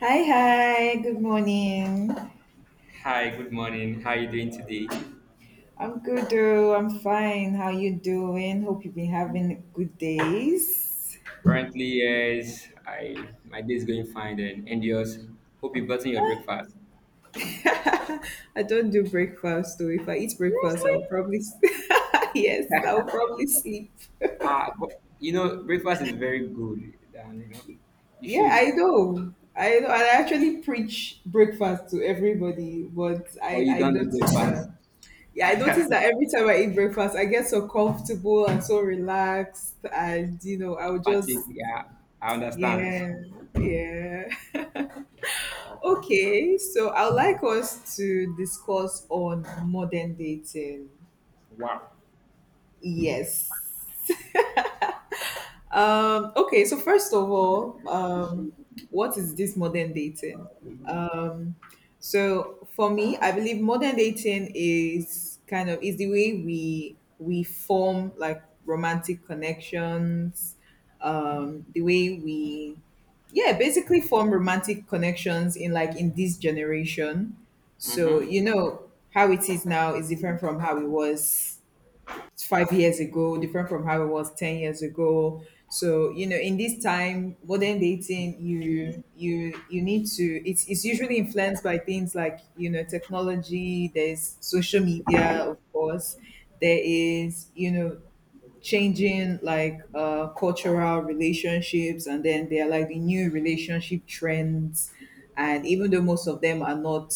Hi, hi. Good morning. Hi, good morning. How are you doing today? I'm good, though. I'm fine. How you doing? Hope you've been having good days. Currently, yes, I my day is going fine, and yours. Hope you've gotten your breakfast. I don't do breakfast, though. If I eat breakfast, I'll probably s- yes, I'll probably sleep. But breakfast is very good, and you Yeah, should, I know. I know. I actually preach breakfast to everybody, but but I you I don't noticed do breakfast. that. Yeah, I noticed that every time I eat breakfast, I get so comfortable and so relaxed, and I would just Fatigue, yeah, I understand. yeah, yeah. That's fine. Okay, so I would like us to discuss on modern dating. Wow. Yes. Okay, so first of all, what is this modern dating? So for me, I believe modern dating is the way we form like romantic connections, the way we yeah, basically form romantic connections in in this generation. So you Mm-hmm. know how it is now is different from how it was 5 years ago, different from how it was 10 years ago. So in this time, modern dating, you need to. It's usually influenced by things like technology. There's social media, of course. There is changing like cultural relationships, and then there are like the new relationship trends, and even though most of them are not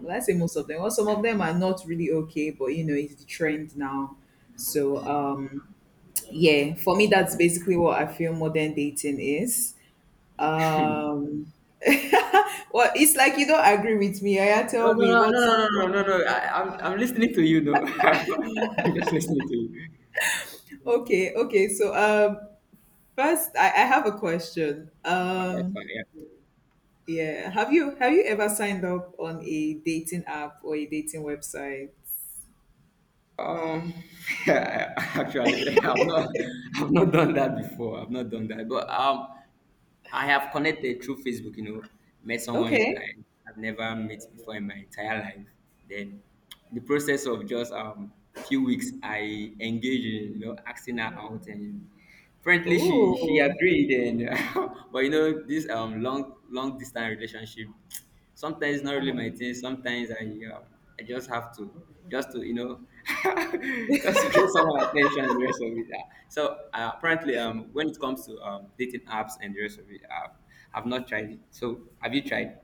well, I say most of them, well, some of them are not really okay, but you know it's the trend now. So yeah, for me that's basically what I feel modern dating is. um well, it's like you don't agree with me. I No, Tell no, me no, no, no, what's no, no, no, no. I'm listening to you, though. I'm just listening to you. okay. First, I have a question. Oh, that's fine, yeah. Yeah. Have you ever signed up on a dating app or a dating website? Um, yeah, actually, I've not done that before. I've not done that, but I have connected through Facebook. Met someone Okay. I have never met before in my entire life. Then, the process of just few weeks, I engaged in asking her out, and frankly, she Oh. agreed. And but this long distance relationship. Sometimes it's not really my Um, thing. Sometimes uh, I just have to just to just to get someone attention and the rest of it. So apparently, when it comes to dating apps and the rest of it, I've not tried it. So have you tried?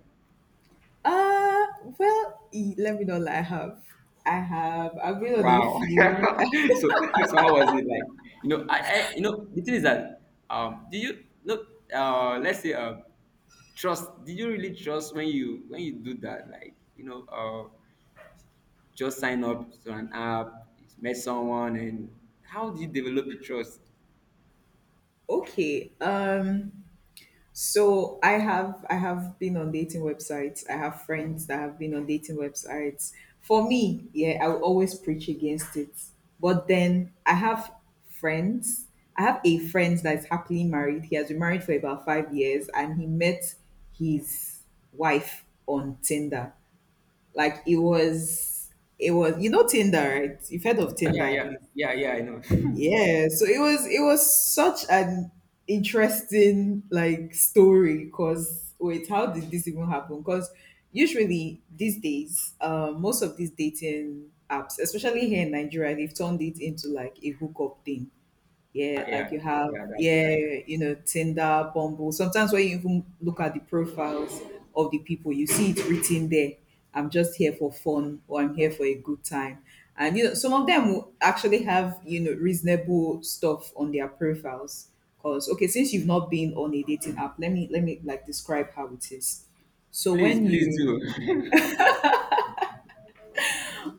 uh well, e- let me know. I have. I have. I've been on a Wow. few. so so how was it like? I the thing is that do you look? Let's say trust. Did you really trust when you do that? Like just sign up to an app, met someone, and how do you develop the trust? Okay. So I have been on dating websites. I have friends that have been on dating websites. For me, yeah, I will always preach against it. But then I have friends. I have a friend that is happily married. He has been married for about 5 years, and he met his wife on Tinder. Like it was it was, you know, Tinder, right? You've heard of Tinder Yeah, at yeah, least. yeah, yeah. I know. Yeah, so it was such an interesting like story because wait, how did this even happen? Because usually these days most of these dating apps, especially here in Nigeria, they've turned it into like a hookup thing. Yeah, like Yeah, you have, yeah. That's yeah, that's true. you know, Tinder, Bumble. Sometimes when you even look at the profiles of the people, you see it written there. I'm just here for fun, or I'm here for a good time. And you know, some of them will actually have, you know, reasonable stuff on their profiles. 'Cause okay, since you've not been on a dating app, let me like describe how it is. So Please, when please you do.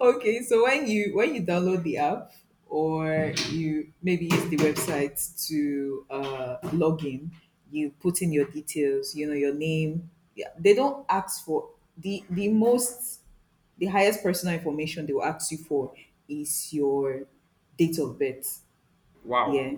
Okay, so when you download the app or you maybe use the website to log in, you put in your details, you know, your name. Yeah, they don't ask for the the most the highest personal information they will ask you for is your date of birth. Yeah. Wow.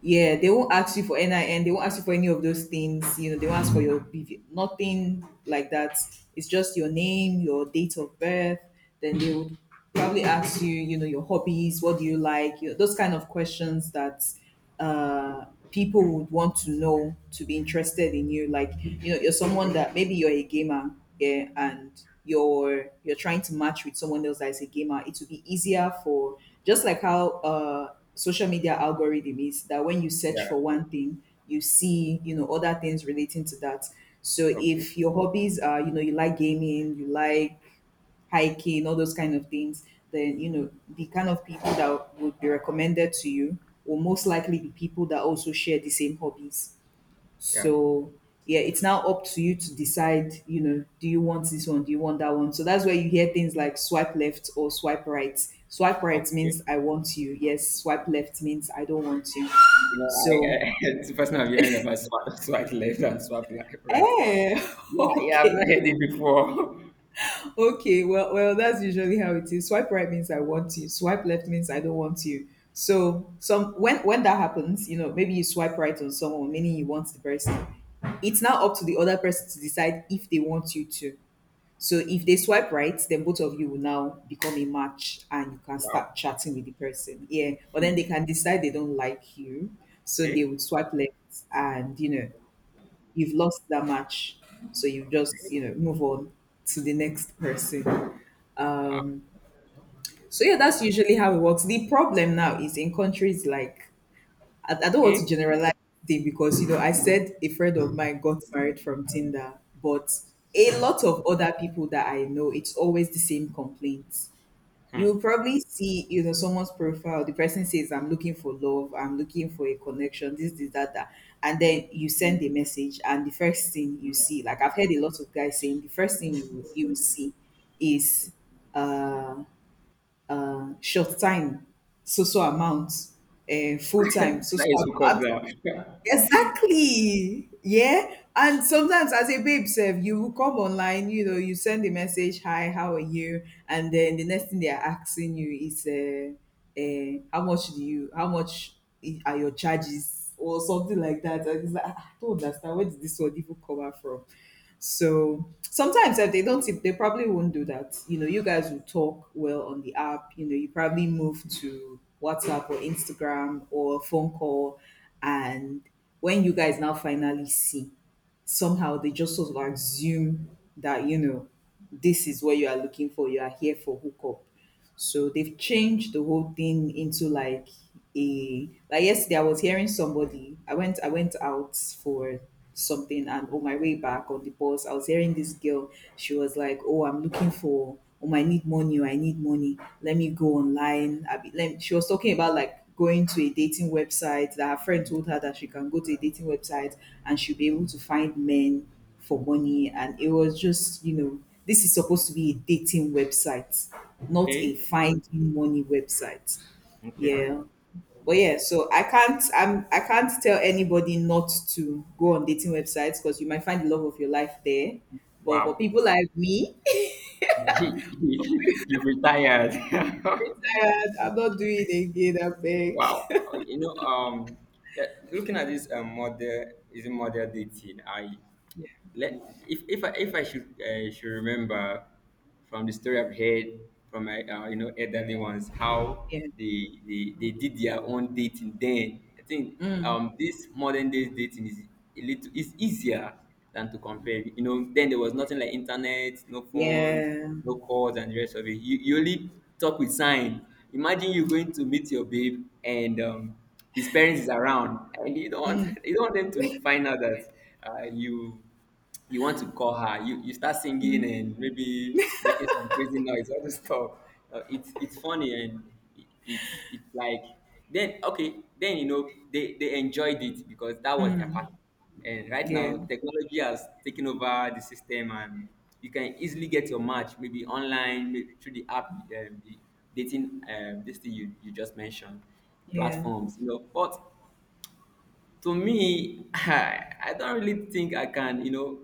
Yeah. They won't ask you for NIN. They won't ask you for any of those things. You know, they won't ask for your BV, nothing like that. It's just your name, your date of birth. Then they would probably ask you, you know, your hobbies, what do you like, you know, those kind of questions that uh, people would want to know to be interested in you. Like, you know, you're someone Okay. that maybe you're a gamer, yeah, and you're trying to match with someone else that is a gamer, it will be easier for just like how social media algorithm is that when you search for Yeah. one thing, you see, you know, other things relating to that. So Okay. if your hobbies are, you know, you like gaming, you like hiking, all those kind of things, then you know, the kind of people that would be recommended to you will most likely be people that also share the same hobbies. Yeah. So yeah, it's now up to you to decide, you know, do you want this one? Do you want that one? So that's where you hear things like swipe left or swipe right. Swipe right Okay. means I want you. Yes, swipe left means I don't want you. So I it's the first time I'm hearing about swap, swap left and swap right. eh Yeah, yeah. I've not okay. heard it before. Okay. Well, that's usually how it is. Swipe right means I want you. Swipe left means I don't want you. So some when that happens, you know, maybe you swipe right on someone, meaning you want the person. It's now up to the other person to decide if they want you to. So if they swipe right, then both of you will now become a match and you can Wow. start chatting with the person. Yeah. But then they can decide they don't like you. So they Okay. would swipe left, and you know, you've lost that match. So you just, you know, move on to the next person. Um so yeah, that's usually how it works. The problem now is in countries like I don't want to Okay. generalize thing because you know I said a friend of mine got married from Tinder, but a lot of other people that I know, it's always the same complaints. You Hmm. will probably see, you know, someone's profile. The person says, "I'm looking for love. I'm looking for a connection. This, that, that." And then you send a message, and the first thing you see, like I've heard a lot of guys saying, the first thing you will see is uh, short time, so so amount, full time, so so. That is hook up now. Exactly. Yeah. And sometimes as a babe self, you will come online, you know, you send a message, hi, how are you? And then the next thing they are asking you is how much do you, how much I- are your charges or something like that. And it's like, "Ah, I don't understand, where did this one even come out from? So sometimes if they don't tip, they probably won't do that. You know, you guys will talk well on the app. You know, you probably move to WhatsApp or Instagram or a phone call, and when you guys now finally see, somehow they just sort of assume that, you know, this is what you are looking for. You are here for hookup. So they've changed the whole thing into like a like yesterday I was hearing somebody. I went out for something and on my way back on the bus, I was hearing this girl. She was like, oh, I'm looking for I need money, oh, I need money. Let me go online. I be, let me, she was talking about like going to a dating website that her friend told her that she can go to a dating website and she'll be able to find men for money, and it was just you know this is supposed to be a dating website, not a Okay. finding money website. Okay. Yeah, but yeah, so I can't, I can't tell anybody not to go on dating websites because you might find the love of your life there, but for Wow. people like me He, you've retired. I'm not doing it again, I beg. Wow. Yeah, looking at this model, is a model dating. I let If I should remember from the story I've heard from my elderly ones how Yeah, they did their own dating then. I think this modern day dating is a little is easier than to compare. Then there was nothing like internet, no phones, yeah, no calls and the rest of it. You only talk with sign. Imagine you going to meet your babe and his parents is around, and you don't want, you don't want them to find out that uh, you you want to call her. You start singing and maybe making some crazy noise, all this stuff. It's funny, and it's like, then, okay, then they enjoyed it because that was their part. And right yeah, now, technology has taken over the system, and you can easily get your match, maybe online, through the app, the dating, this thing you just mentioned, yeah, platforms, but to me, I don't really think I can,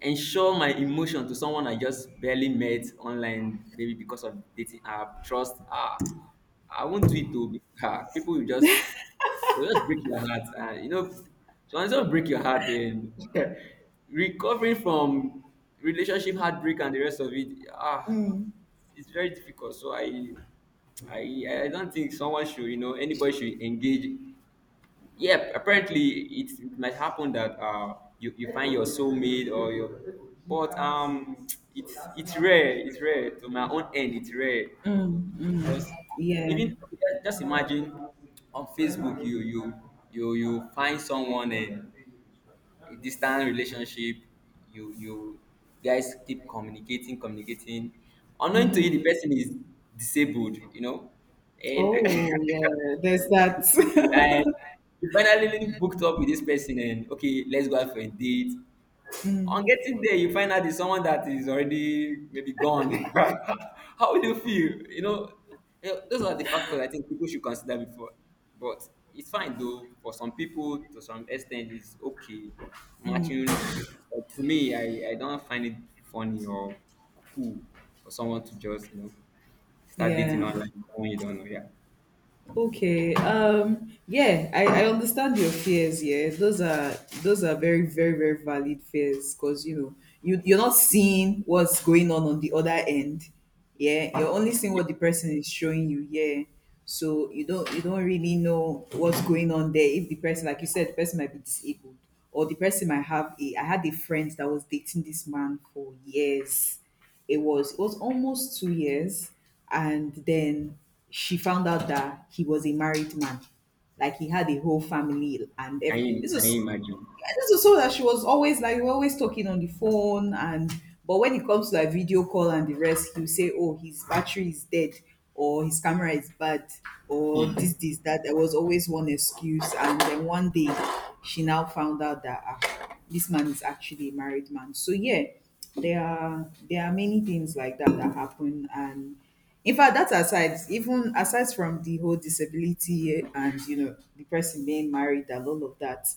ensure my emotion to someone I just barely met online, maybe because of dating app, trust. I won't do it. To People will just break your heart, and so sometimes will break your heart. And recovering from relationship heartbreak and the rest of it, ah, it's very difficult. So I don't think someone should, anybody should engage. Yeah, apparently it might happen that you find your soulmate or your, but it's rare. It's rare, to my own end, it's rare to just yeah. even just imagine, on Facebook you find someone and a distant relationship, you guys keep communicating, unknown to you the person is disabled, and Oh yeah, there's the person that. is disabled, and you finally booked up with this person and, okay, let's go out for a date. On getting there, you find out it's someone that is already maybe gone. How would you feel? Those are the factors I think people should consider before. But it's fine though. For some people, to some extent, it's okay. Matching, but to me, I don't find it funny or cool for someone to just start dating Yeah. online with someone you don't know. Yeah, Okay. Yeah, I understand your fears. Yeah, those are very, very, very valid fears because you know you you're not seeing what's going on the other end. Yeah, you're only seeing yeah. what the person is showing you. Yeah, so you don't really know what's going on there. If the person, like you said, the person might be disabled or the person might have a. I had a friend that was dating this man for years, it was almost 2 years, and then she found out that he was a married man, like he had a whole family and can every. you This can was, you imagine? I just also that she was always like we're always talking on the phone, and but when it comes to like video call and the rest, he'll say oh his battery is dead or his camera is bad or this that, there was always one excuse. And then one day she now found out that this man is actually a married man. So yeah, there are many things like that that happen. And in fact, that aside, even aside from the whole disability and the person being married and all of that,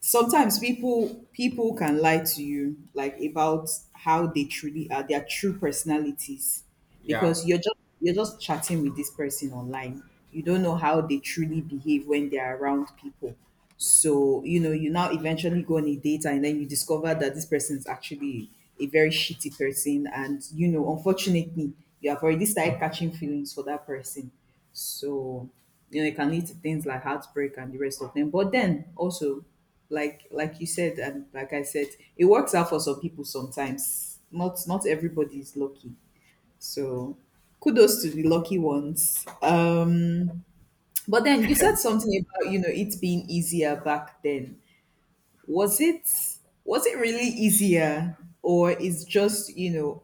sometimes people can lie to you, like about how they truly are, their true personalities. Yeah. Because you're just chatting with this person online, you don't know how they truly behave when they're around people. So you know, you now eventually go on a date and then you discover that this person is actually a very shitty person, and you know, unfortunately you have already started catching feelings for that person. So you know, it can lead to things like heartbreak and the rest of them. But then also, like you said, and like I said, it works out for some people sometimes. Not everybody is lucky, so kudos to the lucky ones. But then you said something about, you know, it being easier back then. Was it, was it really easier, or is just, you know,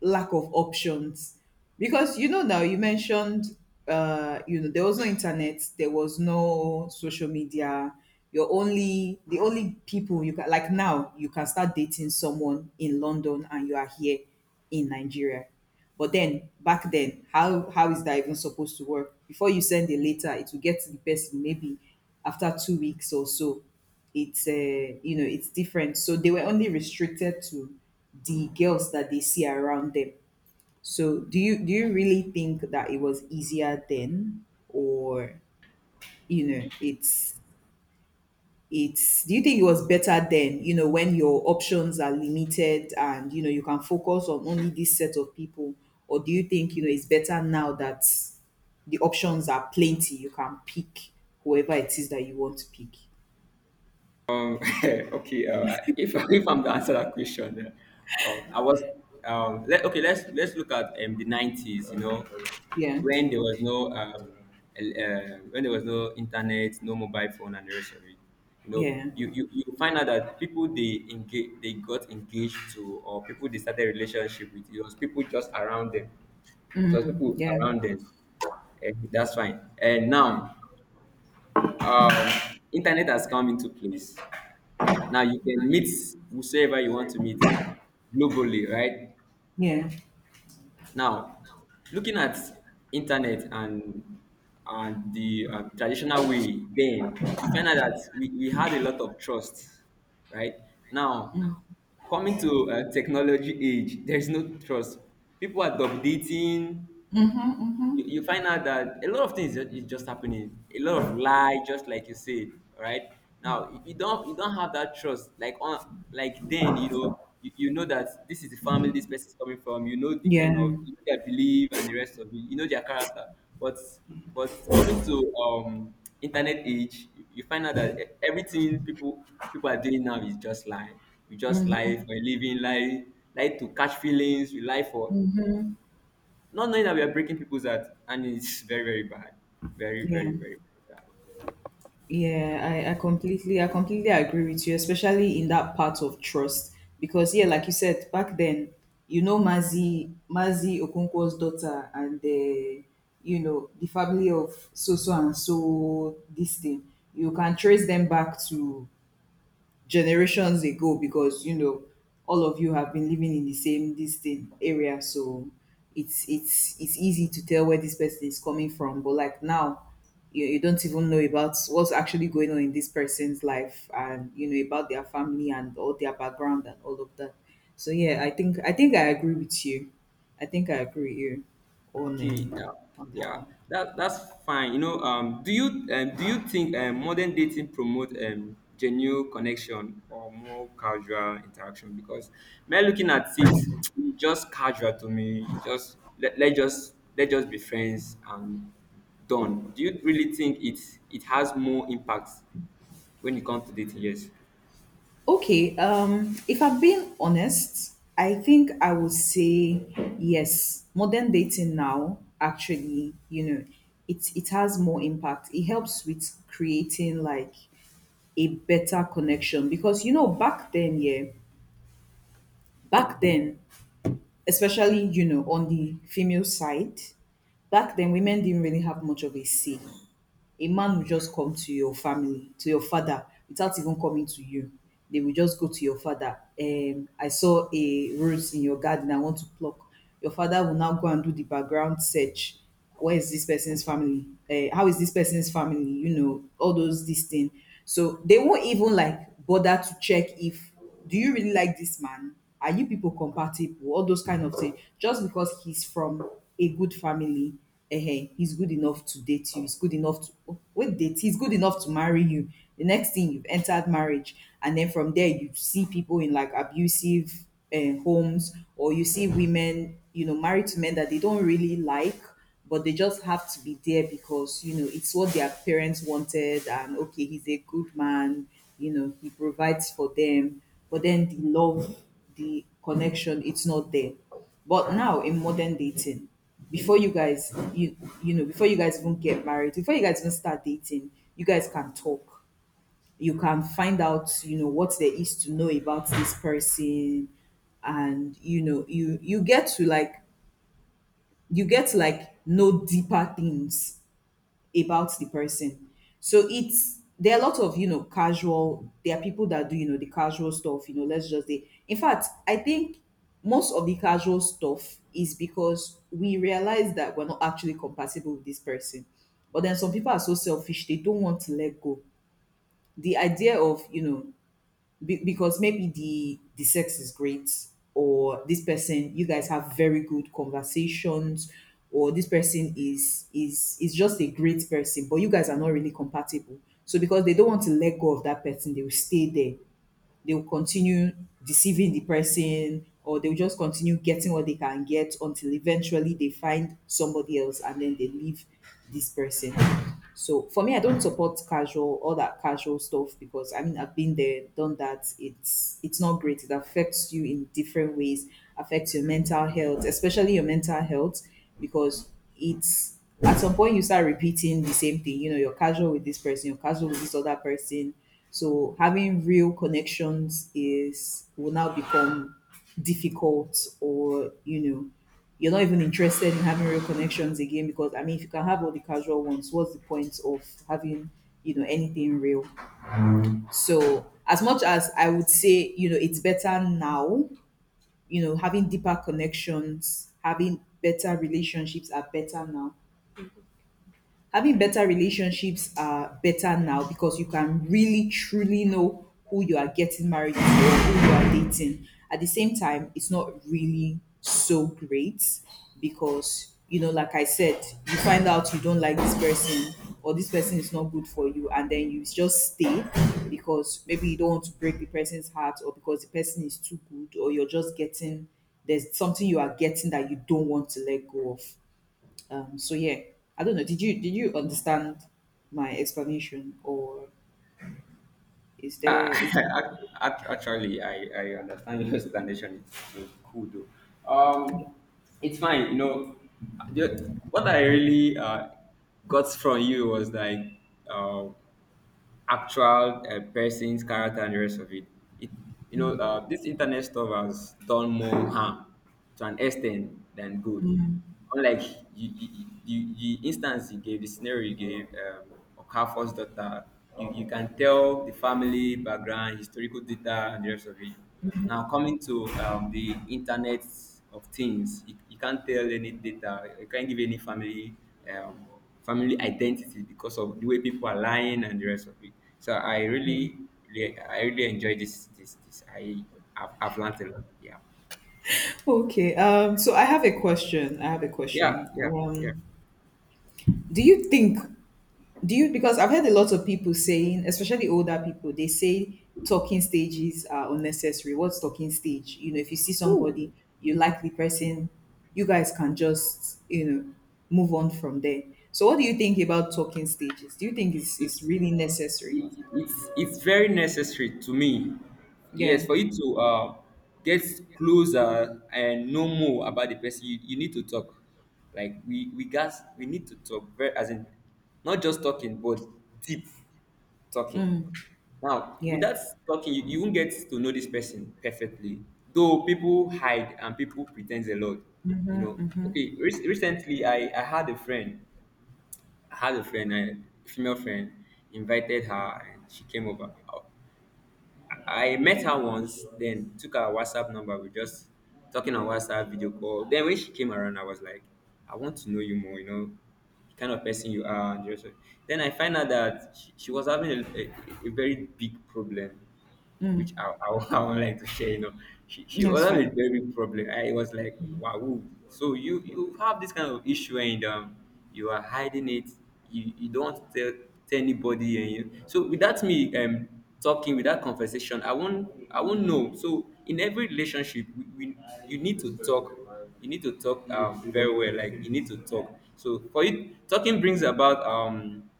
lack of options? Because you know, now you mentioned, you know, there was no internet, there was no social media. You're only, the only people you can, like now you can start dating someone in London and you are here in Nigeria. But then back then, how is that even supposed to work? Before you send a letter, it will get to the person maybe after 2 weeks or so. It's you know, it's different. So they were only restricted to the girls that they see around them. So do you really think that it was easier then, or you know, it's, do you think it was better then, you know, when your options are limited and you know you can focus on only this set of people? Or do you think, you know, it's better now that the options are plenty, you can pick whoever it is that you want to pick? Okay, if if I'm to answer that question, uh, um, I was okay. Let's look at the 90s. Yeah, when there was no um, el- uh, when there was no internet, no mobile phone, and the rest of it. Yeah, you find out that people they got engaged to, or people they started relationship with. It was people just around them. It was people yeah, around them. That's fine. And now, um, internet has come into place. Now you can meet whosoever you want to meet globally, right? yeah. Now, looking at internet, and the traditional way, then you find out that we had a lot of trust, right? Now, coming to technology age, there is no trust. People are double dating. Mhm, mhm. You find out that a lot of things is just happening, a lot of lie, just like you said. Right now, you don't have that trust, like on, like then, you know that this is the family this person is coming from, the Yeah. kind of, their belief and the rest of it, their character. But coming to internet age, you find out that everything people, are doing now is just lying. We just Mhm, lie for a living, lie, lie to catch feelings, we lie for, mhm. not knowing that we are breaking people's heart, and it's very, very bad. Very, Yeah. very, very, very bad. Yeah, I completely, I completely agree with you, especially in that part of trust. Because yeah, like you said, back then, you know, Mazi Okonkwo's daughter and the, you know, the family of so so and so, this thing. You can trace them back to generations ago, because you know all of you have been living in the same distant area. So it's easy to tell where this person is coming from. But like now, you don't even know about what's actually going on in this person's life, and you know about their family and all their background and all of that. So yeah, I think I agree with you. I think I agree with you Okay, yeah, on that yeah, one. that's fine. Do you think modern dating promote genuine connection or more casual interaction? Because me looking at it, it's just casual to me. Just let, just let just be friends, and done. Do you really think it has more impact when it comes to dating? Yes. Okay, if I'm being honest, I think I would say yes. Modern dating now, actually, you know, it has more impact. It helps with creating like a better connection, because you know back then, yeah, back then, especially, you know, on the female side, back then women didn't really have much of a say. A man would just come to your family, to your father, without even coming to you. They will just go to your father, I saw a rose in your garden, I want to pluck. Your father will now go and do the background search. Where is this person's family, how is this person's family, you know, all those this thing. So they won't even like bother to check if, do you really like this man? Are you people compatible? All those kind of things. Just because he's from a good family, eh, he's good enough to date you. He's good enough to, oh wait, date. He's good enough to marry you. The next thing, you've entered marriage, and then from there you see people in like abusive homes, or you see women, you know, married to men that they don't really like, but they just have to be there because you know it's what their parents wanted, and okay, he's a good man. You know, he provides for them, but then the love, the connection, it's not there. But now in modern dating, before you guys you, you know, before you guys even get married, before you guys even start dating, you guys can talk. You can find out, you know, what there is to know about this person, and you know, you get to like, you get to like know deeper things about the person. So it's, there are a lot of, you know, casual. There are people that do, you know, the casual stuff. You know, let's just say. In fact, I think most of the casual stuff is because we realize that we're not actually compatible with this person. But then some people are so selfish; they don't want to let go. The idea of, you know, because maybe the sex is great, or this person, you guys have very good conversations, or this person is just a great person, but you guys are not really compatible. So because they don't want to let go of that person, they will stay there. They will continue deceiving the person, or they'll just continue getting what they can get until eventually they find somebody else, and then they leave this person. So for me, I don't support casual, all that casual stuff, because I mean, I've been there, done that. It's not great. It affects you in different ways. Affects your mental health, especially your mental health, because it's, at some point you start repeating the same thing. You know, you're casual with this person, you're casual with this other person. So having real connections is, will now become difficult. Or you know, you're not even interested in having real connections again, because I mean, if you can have all the casual ones, what's the point of having, you know, anything real? So as much as I would say, you know, it's better now, you know, having deeper connections, having better relationships are better now, having better relationships are better now because you can really truly know who you are getting married to or who you are dating. At the same time, it's not really so great, because you know, like I said, you find out you don't like this person or this person is not good for you, and then you just stay because maybe you don't want to break the person's heart, or because the person is too good, or you're just getting, there's something you are getting that you don't want to let go of. So yeah, I don't know. Did you understand my explanation, or is there is. Ac- Actually, I understand your explanation. It's cool though. Um, it's fine. You know, what I really got from you was like, uh, actual person's character and the rest of it. It, this internet stuff has done more harm to an extent than good. Unlike the instance you gave, the scenario you gave, Okafor's daughter, you can tell the family background, historical data, and the rest of it. Now, coming to the internet of things, you can't tell any data, you can't give any family um, family identity, because of the way people are lying and the rest of it. So I really, really I really enjoy this. I have I've learned a lot. Yeah. Okay? So I have a question. I have a Yeah. question. Yeah. Yeah. Do you think, do you because I've heard a lot of people saying, especially older people, they say talking stages are unnecessary. What's talking stage? You know, if you see somebody Woo. you like the person, you guys can just, you know, move on from there. So what do you think about talking stages? Do you think it's It's really necessary? it, it's very necessary to me. Yes, Yeah. for you to get closer and know more about the person, you need to talk. Like we guys, we need to talk, very, as in, not just talking but deep talking. Mm, Now yeah. without talking, you won't get to know this person perfectly, though people hide and people pretend a lot, you know. Mm-hmm. Okay, recently I had a friend. I had a friend, a female friend, invited her and she came over. I met her once, then took her WhatsApp number. We just talking on WhatsApp video call. Then when she came around, I was like, I want to know you more, the kind of person you are. And then I find out that she was having a, very big problem, which Mm, I would like to share. She also that's had a fine. very big problem. I was like, wow. So you have this kind of issue, and you are hiding it. You don't tell anybody. So without me talking, without conversation, I won't know. So in every relationship, we you need to talk. You need to talk very well. Like you need to talk. So for you, talking brings about um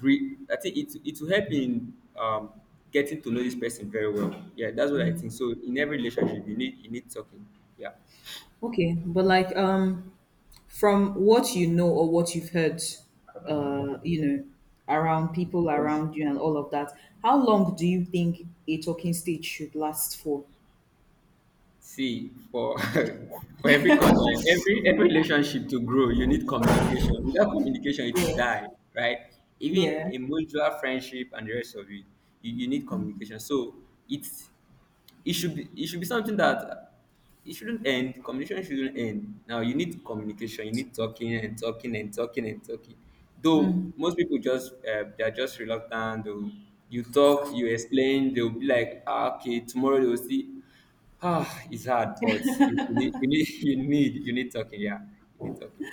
re- I think it will help in, um, getting to know this person very well. Yeah, that's what I think. So in every relationship, you need talking. Yeah. Okay, but like from what you know or what you've heard, you know, around people around you and all of that, how long do you think a talking stage should last for? See, for for every every relationship to grow, you need communication. Without communication, it will Yeah. die, right? Even Yeah. a mutual friendship and the rest of it, you need communication. So it's it should be something that it shouldn't end. Communication shouldn't end. Now you need communication. You need talking and talking and talking and talking. Mm. Though most people just they're just reluctant. Though you talk, you explain, they'll be like, ah, okay, tomorrow they'll see. Ah, it's hard, but you need you need talking. Yeah, you need talking.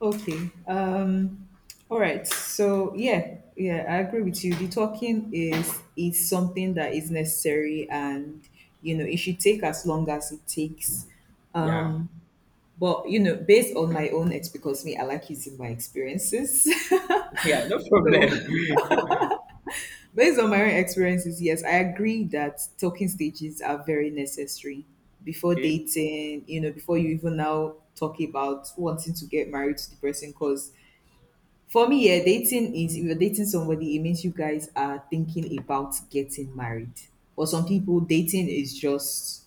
Okay. All right. So yeah, yeah, I agree with you. The talking is something that is necessary, and you know it should take as long as it takes. Yeah, But you know, based on my own ex because me, I like using my experiences. yeah, no So problem. based on my own experiences, yes, I agree that talking stages are very necessary before Okay, dating, you know, before you even now talk about wanting to get married to the person. Because for me, yeah, dating is, if you're dating somebody, it means you guys are thinking about getting married. For some people, dating is just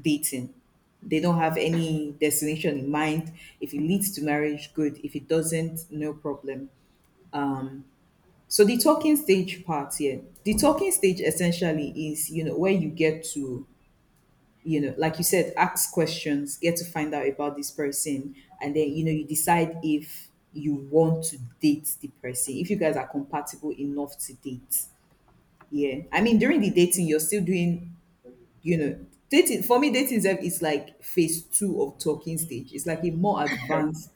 dating. They don't have any destination in mind. If it leads to marriage, good. If it doesn't, no problem. Um, so the talking stage part here, the talking stage essentially is, you know, where you get to, you know, like you said, ask questions, get to find out about this person, and then, you know, you decide if you want to date the person, if you guys are compatible enough to date. Yeah. I mean, during the dating, you're still doing, you know, dating for me, dating is like phase two of talking stage. It's like a more advanced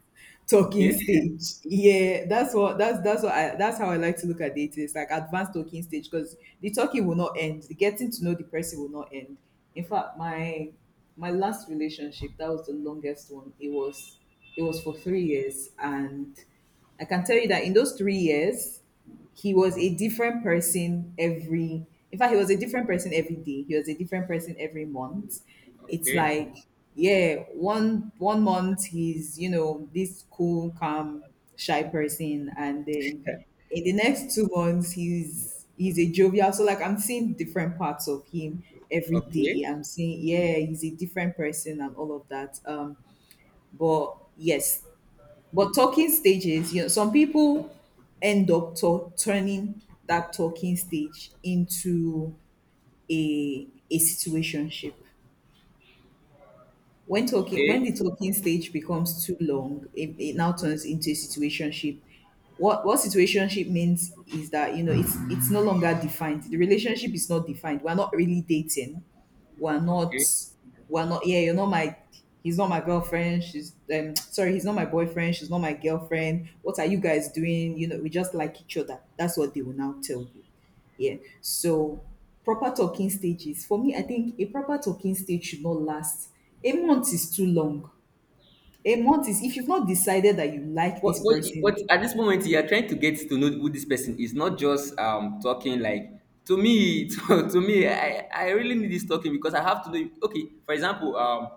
talking okay, stage. Yeah, that's what, that's what I, that's how I like to look at dating. It's like advanced talking stage because the talking will not end. The getting to know the person will not end. In fact, my last relationship, that was the longest one. It was for 3 years. And I can tell you that in those 3 years, he was a different person every In fact, he was a different person every day. He was a different person every month. It's okay, like, yeah, one month he's, you know, this cool, calm, shy person, and then in the next 2 months he's a jovial. So like, I'm seeing different parts of him every day. okay, I'm seeing, yeah, he's a different person and all of that, But yes, but talking stages, you know, some people end up turning that talking stage into a situationship. When okay, the talking stage becomes too long, it now turns into a situationship. What situationship means is that, you know, it's no longer defined. The relationship is not defined. We're not really dating. We're not. okay. We're not. Yeah, you're not my. He's not my girlfriend. She's, sorry. He's not my boyfriend. She's not my girlfriend. What are you guys doing? You know, we just like each other. That's what they will now tell you. Yeah. So, proper talking stages. For me, I think a proper talking stage should not last. A month is too long. A month is if you've not decided that you like what, this what, person. what at this moment you are trying to get to know who this person is, not just talking. Like, to me, to me, I really need this talking, because I have to know. Okay, for example,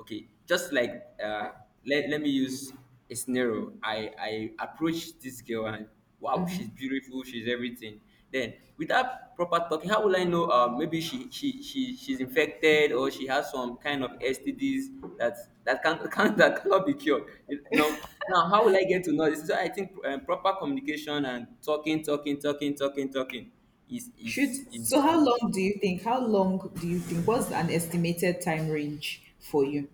okay, just like uh let me use a scenario. I approached this girl, and wow, she's beautiful, she's everything. Then without proper talking, how will I know, maybe she's infected, or she has some kind of stds that cannot be cured, you know? Now, how will I get to know this? So I think, proper communication and talking, talking, talking, talking, talking is is, Should is so how um, long do you think? How long do you think? What's an estimated time range for you?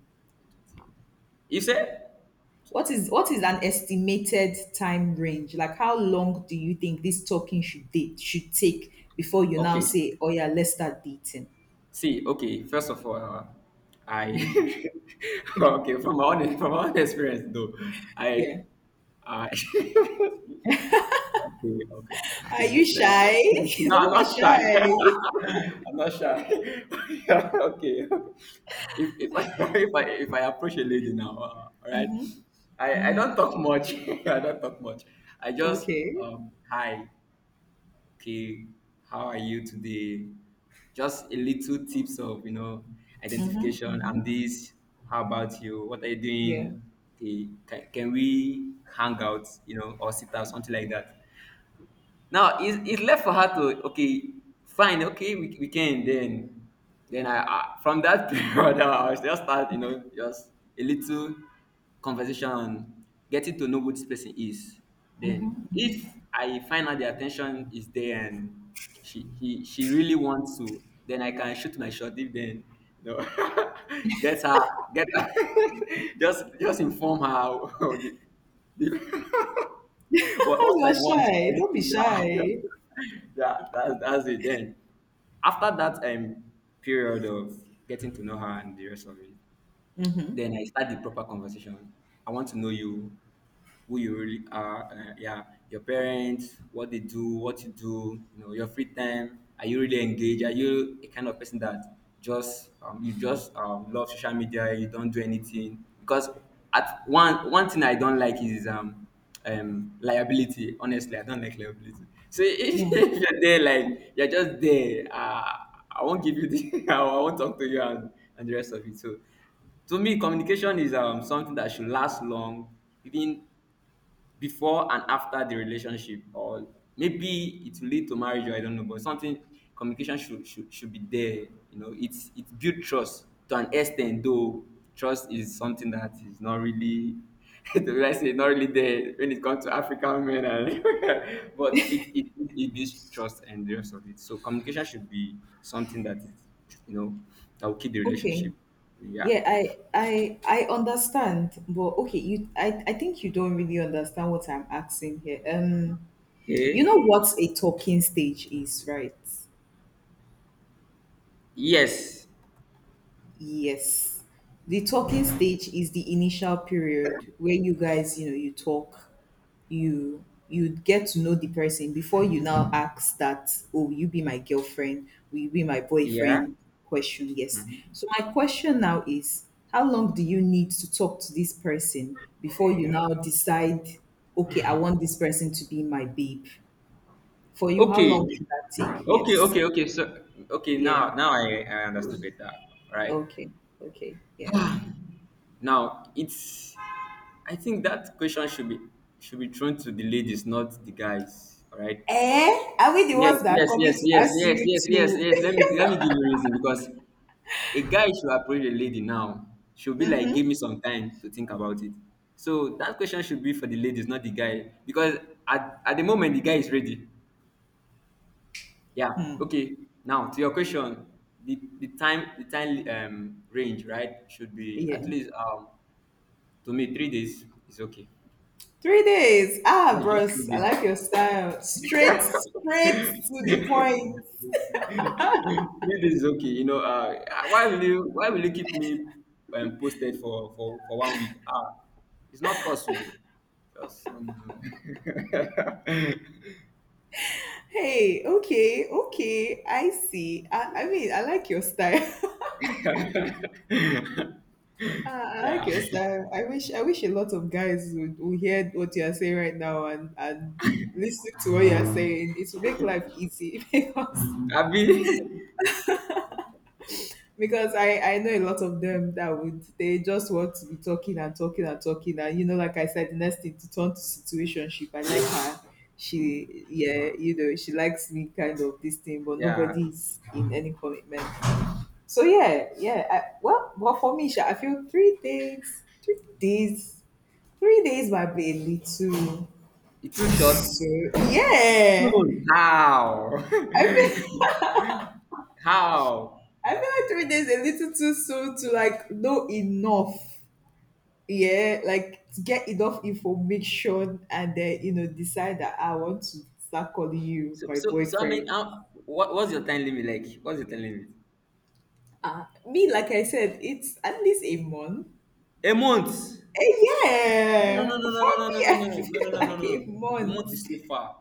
you say. What is an estimated time range? Like, how long do you think this talking should take before you now Okay, say, oh yeah, let's start dating? see, okay, first of all, I okay, from my own experience though, I Yeah. I okay, okay, Are okay. you shy? No, I'm Don't be not shy. shy. I'm not shy. Okay, if I if I if I approach a lady now, all right, I don't talk much. I don't talk much. I just Okay. Hi. Okay, how are you today? Just a little tips of, identification. I'm this. How about you? What are you Yeah. doing? Okay, can we hang out, or sit out, something like that? Now, it's left for her to okay, fine, okay, we can then. Then I from that period I was just start, just a little conversation on getting to know who this person is. Then if I find out the attention is there, and she really wants to, then I can shoot my shot. If then, you know get her get her, just inform her of the what, what You're I want. shy. Right? Don't be Yeah, shy. yeah, that's it. Then after that, period of getting to know her and the rest of it, then I start the proper conversation. I want to know you, who you really are. Yeah, your parents, what they do, what you do. You know, your free time. Are you really engaged? Are you a kind of person that just you just love social media? You don't do anything, because at one thing I don't like is liability. Honestly, I don't like liability. So if Yeah. you're there, like you're just there, I won't give you the. I won't talk to you, and the rest of it. So to me, communication is something that should last long, even before and after the relationship, or maybe it will lead to marriage. Or I don't know, but something, communication should be there. You know, it build trust to an extent, though trust is something that is not really. To, I say, not really there when it comes to African men, and but it builds trust and the rest of it. So communication should be something that is, you know, that will keep the Okay. relationship. Yeah. Yeah, I understand, but okay, I think you don't really understand what I'm asking here. You know Okay. what a talking stage is, right? Yes. Yes. The talking stage is the initial period where you guys, you know, you talk, you get to know the person before you now ask that, oh, will you be my girlfriend? Will you be my Yeah. boyfriend? Question, yes. So my question now is, how long do you need to talk to this person before you now decide, okay, I want this person to be my babe? For you, how Okay. long should that take? Okay. Yes. Okay. Okay. So okay. Yeah. Now, now I understand better. Right. Okay. Okay. Yeah. Now it's. I think that question should be thrown to the ladies, not the guys. All right. Eh? Are we the Yes, ones that are yes, yes, coming to yes, ask yes, you yes, yes, to? yes. Let me give you a reason, because a guy should approach a lady, now she'll be like, give me some time to think about it. So that question should be for the ladies, not the guy, because at the moment the guy is ready. Yeah. Okay. Now to your question, the time range, right, should be Yeah. at least to me, 3 days is okay. 3 days. Ah, Yeah, just three bros. I days. like your style. Straight, straight to the point. 3 days is okay. You know, why will you, why will you keep me posted for one week? Ah, it's not possible. Just no. Hey, okay, okay. I see. I mean, I like your style. Ah, I Yeah. like your style. I wish a lot of guys would, hear what you are saying right now, and listen to what you are saying. It will make life easy because I mean, because I know a lot of them that would they just want to be talking and talking and talking, and, you know, like I said, the next thing to turn to situationship. I like her, she yeah, you know, she likes me, kind of this thing, but yeah. nobody's in any commitment. So yeah, yeah, I, well well for me, Sha, I feel 3 days might be a little, It's too short. so yeah, So how? I feel How? I feel like 3 days a little too soon to like know enough, yeah, like get enough information and then, you know, decide that I want to start calling you So, my so, so I mean, boyfriend. how, what's your time limit like? What's your time limit? Me, like I said, it's at least a month. A month. Eh, No, no, yeah, no, no, no, for no, no, no, me, no, I no, no, feel no, no, no, like a no. The month month. is too far.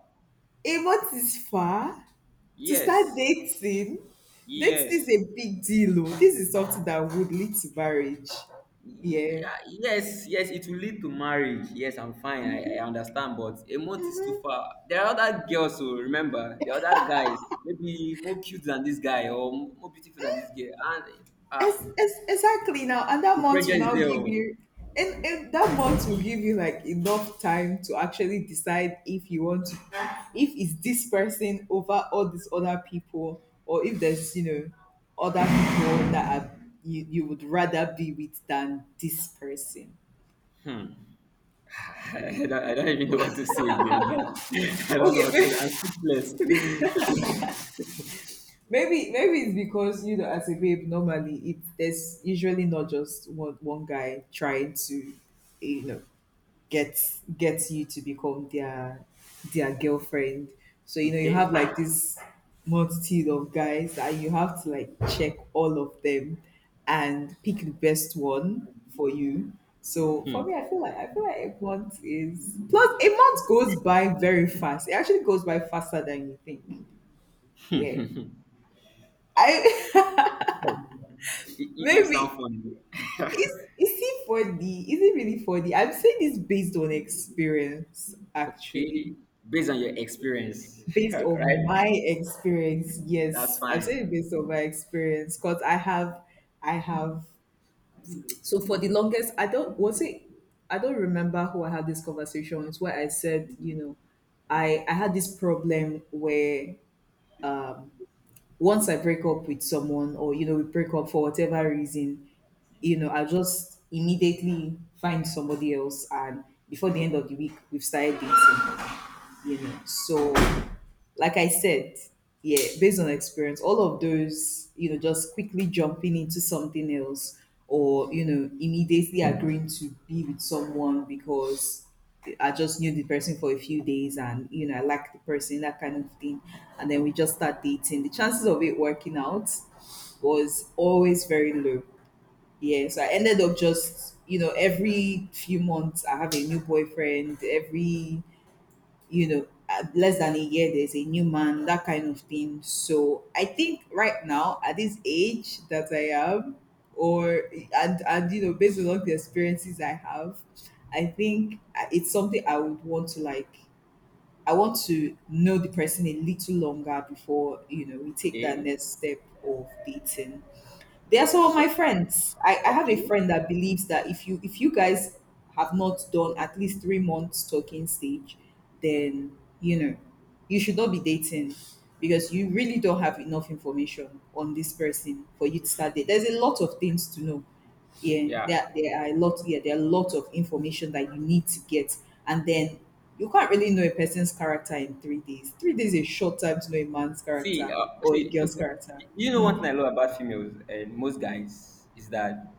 A month is far to start Yes, dating. Dating is yes. a big deal. Oh. This is something that would lead to marriage. Yeah. Yeah, yes, yes, it will lead to marriage. Yes, I'm fine. I understand, but a month is too far. There are other girls, so remember, there are other guys, maybe more cute than this guy, or more beautiful than this girl, and It's, ah, it's, exactly now, and that the month will pressure is now there. give Oh. you, and that month will give you like enough time to actually decide if you want to, if it's this person over all these other people, or if there's, you know, other people that are, you would rather be with than this person. Hmm. I don't even know what to say again. I don't know what Okay, to. I'm speechless. maybe it's because, you know, as a babe, normally it there's usually not just one guy trying to, you know, gets you to become their girlfriend. So you know, you Okay. have like this multitude of guys and you have to like check all of them and pick the best one for you. So for me, I feel like a month is, plus a month goes by very fast. It actually goes by faster than you think. Yeah. Oh, I you, you you sound maybe funny. is he 4D? Is it really 4? I'm saying this based on experience actually. Okay. Based on your experience, Based right? on my experience, That's yes, I'm fine. saying based on my experience because I have, so for the longest, I don't remember who I had this conversation with, where I said, you know, I had this problem where once I break up with someone, or, you know, we break up for whatever reason, you know, I just immediately find somebody else, and before the end of the week, we've started dating, you know. So, like I said, yeah, based on experience, all of those, you know, just quickly jumping into something else, or, you know, immediately agreeing to be with someone because I just knew the person for a few days, and, you know, I liked the person, that kind of thing. And then we just start dating. The chances of it working out was always very low. Yeah. So I ended up just, you know, every few months I have a new boyfriend, every, less than a year, there's a new man, that kind of thing. So I think right now, at this age that I am, or and and, you know, based on all the experiences I have, I think it's something I would want to, like, I want to know the person a little longer before, you know, we take that Okay. next step of dating. They are some of my So, friends. I have a okay. friend that believes that if you guys have not done at least 3 months talking stage, then, you know, you should not be dating because you really don't have enough information on this person for you to start dating. There's a lot of things to know. Yeah, Yeah. there are a lot. Yeah, there are a lot of information that you need to get, and then you can't really know a person's character in 3 days. 3 days is a short time to know a man's See, character or a girl's character. you know, Hmm. one thing I love about females and most guys is that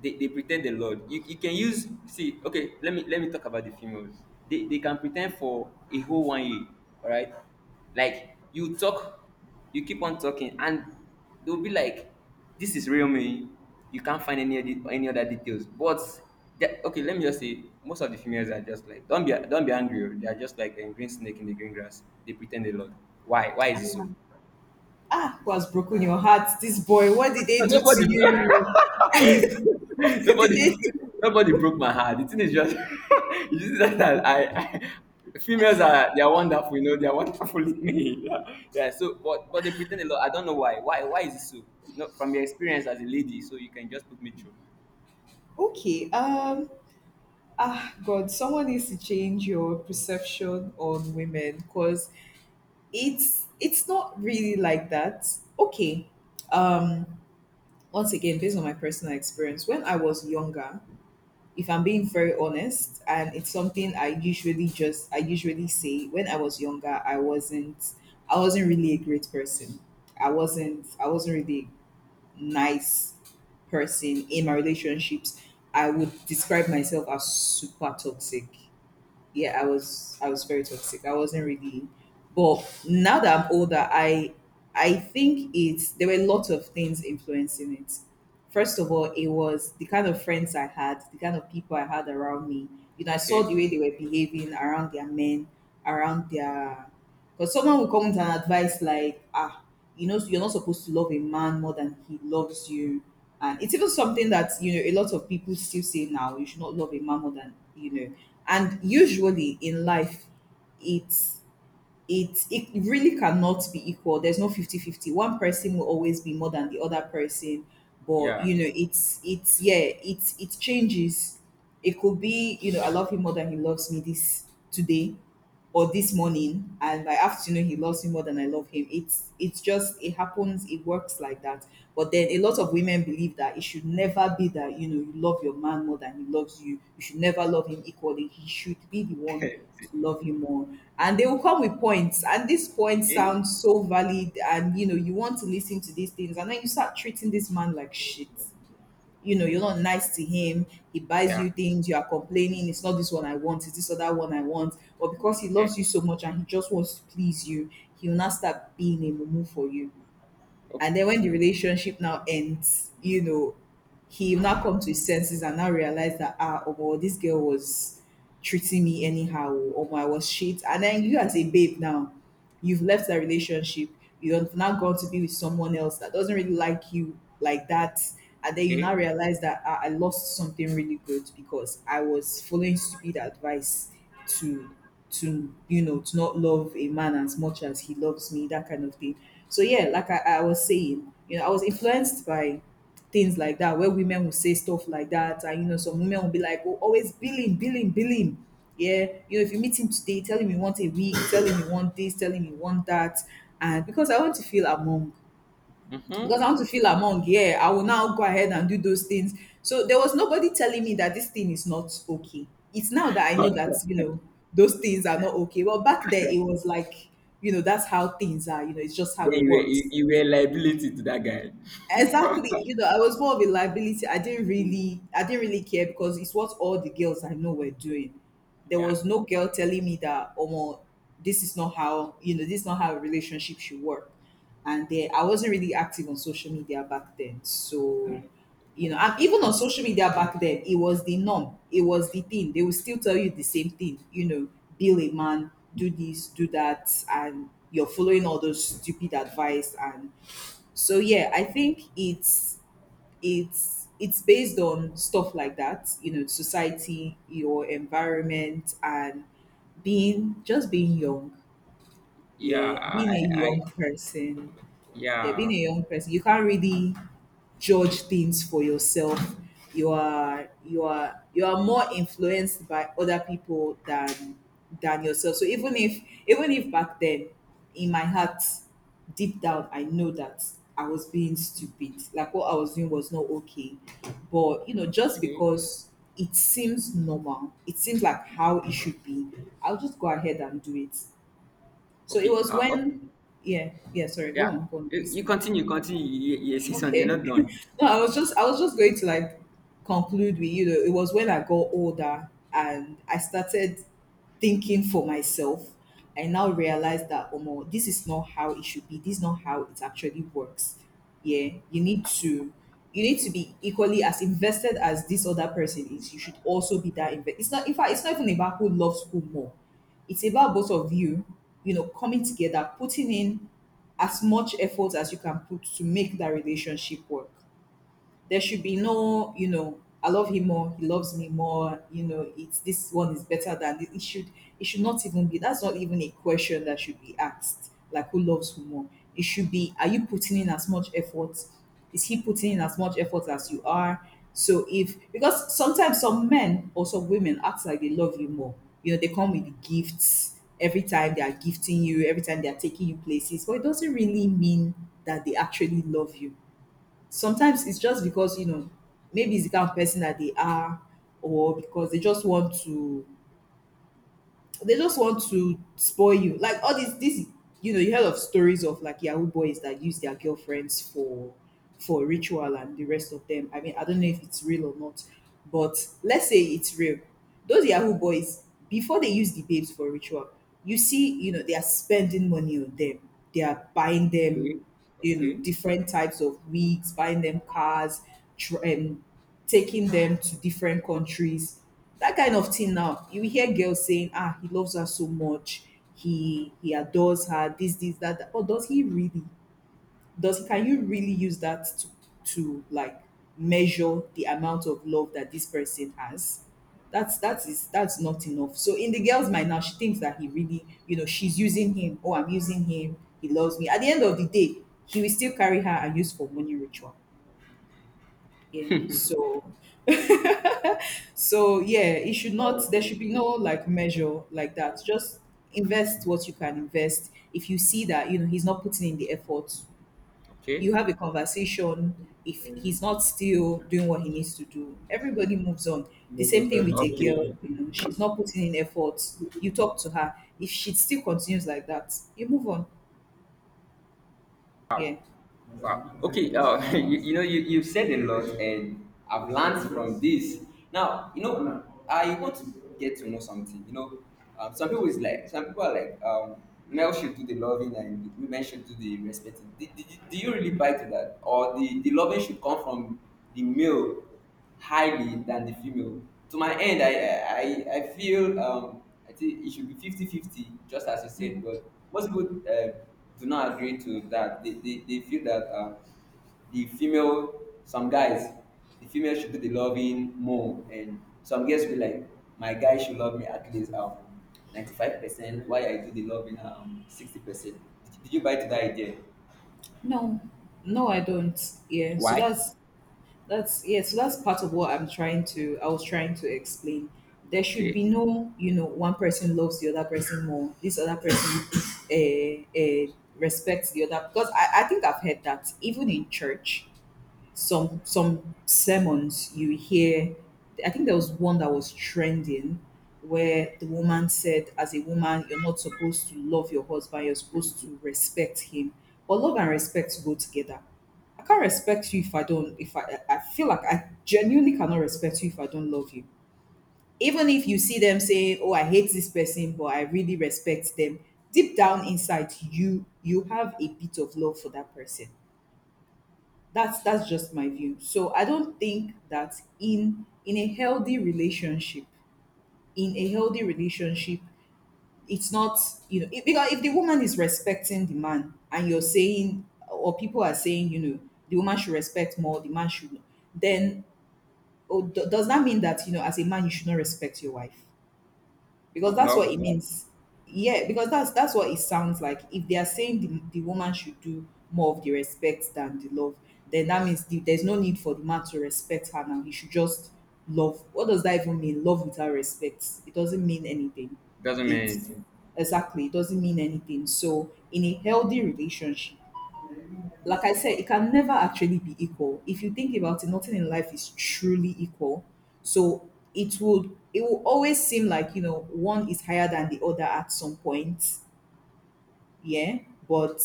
they pretend, the lord, you can use, see, okay, let me, let me talk about the females. They can pretend for a whole one year, all right? Like you talk, you keep on talking, and they'll be like, this is real me. You can't find any other details. But okay, let me just say most of the females are just like, don't be angry, oh. They are just like a green snake in the green grass. They pretend a lot. Why is it so? Ah, who has broken your heart? This boy, what did No, they do to nobody, you? What did nobody, they do? nobody broke my heart. The thing is just, it's just that females are, they are wonderful, you know, they are wonderful in me. Yeah. Yeah. So, but they pretend a lot. I don't know why. Why is it so? No, from your experience as a lady, so you can just put me through. Okay, ah, God, someone needs to change your perception on women because it's not really like that. Okay, um, once again, based on my personal experience, when I was younger, if I'm being very honest, and it's something I usually just I usually say, when I was younger, I wasn't, really a great person. I wasn't, really nice person in my relationships. I would describe myself as super toxic. Yeah, I was very toxic. I wasn't really. But now that I'm older, I, think it's, there were lots of things influencing it. First of all, it was the kind of friends I had, the kind of people I had around me. You know, I saw Okay. the way they were behaving around their men, around their because someone will come with an advice like, ah, you know, you're not supposed to love a man more than he loves you. And it's even something that, you know, a lot of people still say now, you should not love a man more than, you know. And usually in life, it's it really cannot be equal. There's no 50/50. One person will always be more than the other person. But Yeah. you know, it's yeah, it changes. It could be, you know, I love him more than he loves me this today, or this morning, and by afternoon he loves me more than I love him. It's just, it happens, it works like that. But then a lot of women believe that it should never be that, you know, you love your man more than he loves you. You should never love him equally. He should be the one to love you more. And they will come with points. And these points Okay. sound so valid, and, you know, you want to listen to these things, and then you start treating this man like shit, you know, you're not nice to him. He buys Yeah. you things. You are complaining. It's not this one I want. It's this other one I want. But because he Okay. loves you so much and he just wants to please you, he will not, start being a mumu for you. O- And then when the relationship now ends, you know, he will now come to his senses and now realize that, ah, oh, boy, this girl was treating me anyhow, or I was shit. And then you as a babe now, you've left that relationship. You have now gone to be with someone else that doesn't really like you like that. And then you now Okay. realize that ah, I lost something really good because I was following stupid advice to to to not love a man as much as he loves me, that kind of thing. So yeah, like I was saying, you know, I was influenced by things like that, where women will say stuff like that. And you know, some women will be like, oh, always billing, billing, billing. Yeah, you know, if you meet him today, tell him you want a week, tell him you want this, tell him you want that. And because I want to feel among, because Mm-hmm. I want to feel among. Yeah, I will now go ahead and do those things. So there was nobody telling me that this thing is not okay. It's now that I know that, those things are not okay. Well, back then it was like, you know, that's how things are, you know, it's just how Then it you were you, works. you were a liability to that guy. Exactly. You know, I was more of a liability. I didn't really care because it's what all the girls I know were doing. There Yeah. was no girl telling me that, oh, well, this is not how, you know, this is not how a relationship should work. And then I wasn't really active on social media back then. So, you know, and Okay. even on social media back then, it was the norm. It was the thing. They will still tell you the same thing, you know, build a man, do this, do that, and you're following all those stupid advice. And so yeah, I think it's based on stuff like that, you know, society, your environment, and being just being young. Yeah, Yeah, being a young person. Yeah, being yeah. a young person, you can't really judge things for yourself. You are more influenced by other people than yourself. So even if, even if back then in my heart, deep down I know that I was being stupid. Like what I was doing was not okay. But you know, just Okay, because it seems normal, it seems like how it should be, I'll just go ahead and do it. So it okay. was Oh, when yeah, yeah, sorry, go yeah. on, go on, You listen. continue, continue. You see something. You're Okay. not done. No, I was just going to, like, conclude with, you know, it was when I got older and I started thinking for myself. I now realized that Omo, this is not how it should be. This is not how it actually works. Yeah, you need to, you need to be equally as invested as this other person is. You should also be that invested. It's not, in fact, it's not even about who loves who more. It's about both of you, you know, coming together, putting in as much effort as you can put to make that relationship work. There should be no, you know, I love him more, he loves me more, you know, it's this one is better than this. It should, it should not even be, that's not even a question that should be asked, like, who loves who more. It should be, are you putting in as much effort, is he putting in as much effort as you are? So if, because sometimes some men or some women act like they love you more, you know, they come with gifts every time, they are gifting you every time, they are taking you places, but it doesn't really mean that they actually love you. Sometimes it's just because, you know, maybe it's the kind of person that they are, or because they just want to spoil you. Like all these, this, you know, you heard of stories of like Yahoo boys that use their girlfriends for ritual and the rest of them. I mean, I don't know if it's real or not, but let's say it's real. Those Yahoo boys, before they use the babes for ritual, you see, you know, they are spending money on them. They are buying them, Okay, you know, different types of wigs, buying them cars, tr- um, taking them to different countries, that kind of thing. Now you hear girls saying, ah, he loves her so much, he adores her, this, that, that. But does he really, does, can you really use that to, like, measure the amount of love that this person has? That's that is that's not enough. So in the girl's mind now, she thinks that he really, you know, she's using him, oh, I'm using him, he loves me. At the end of the day, he will still carry her and use for money ritual. Yeah. So yeah, it should not. There should be okay, no like measure like that. Just invest what you can invest. If you see that, you know, he's not putting in the effort, you have a conversation. If okay, he's not still doing what he needs to do, everybody moves on. The same thing with a girl. okay. You know, she's not putting in effort. You talk to her. If she still continues like that, you move on. Yeah. Wow. Okay. You've said a lot, and I've learned from this. Now, you know, I want to get to know something. You know, some people are like, male should do the loving, and women should do the respecting. Do you really buy to that, or the loving should come from the male, highly than the female? To my end, I, I feel um, I think it should be 50-50, just as you said. But most people do not agree to that. They feel that the female, some guys, the female should do the loving more, and some girls feel like my guy should love me at least 95%, why I do the loving 60%. Did you buy to that idea? No, no, I don't. Yeah. So Why? that's yeah, so that's part of what I was trying to explain. There should Okay. be no, you know, one person loves the other person more. This other person respects the other, because I think I've heard that even in church, some sermons you hear, I think there was one that was trending where the woman said, as a woman you're not supposed to love your husband, you're supposed to respect him. But love and respect go together. I can't respect you if I don't, if I feel like, I genuinely cannot respect you if I don't love you. Even if you see them saying, oh, I hate this person but I really respect them, deep down inside you, you have a bit of love for that person. That's just my view. So I don't think that in a healthy relationship, in a healthy relationship, it's not, you know, if, because if the woman is respecting the man and you're saying, or people are saying, you know, the woman should respect more, the man should, then does that mean that, you know, as a man you should not respect your wife? Because that's what it means. Yeah, because that's what it sounds like. If they are saying the woman should do more of the respect than the love, then that means the, there's no need for the man to respect her now. He should just love. What does that even mean? Love without respect. It doesn't mean anything. Doesn't mean It's anything. exactly, it doesn't mean anything. So in a healthy relationship, like I said, it can never actually be equal. If you think about it, nothing in life is truly equal. So it will always seem like, you know, one is higher than the other at some point. Yeah, but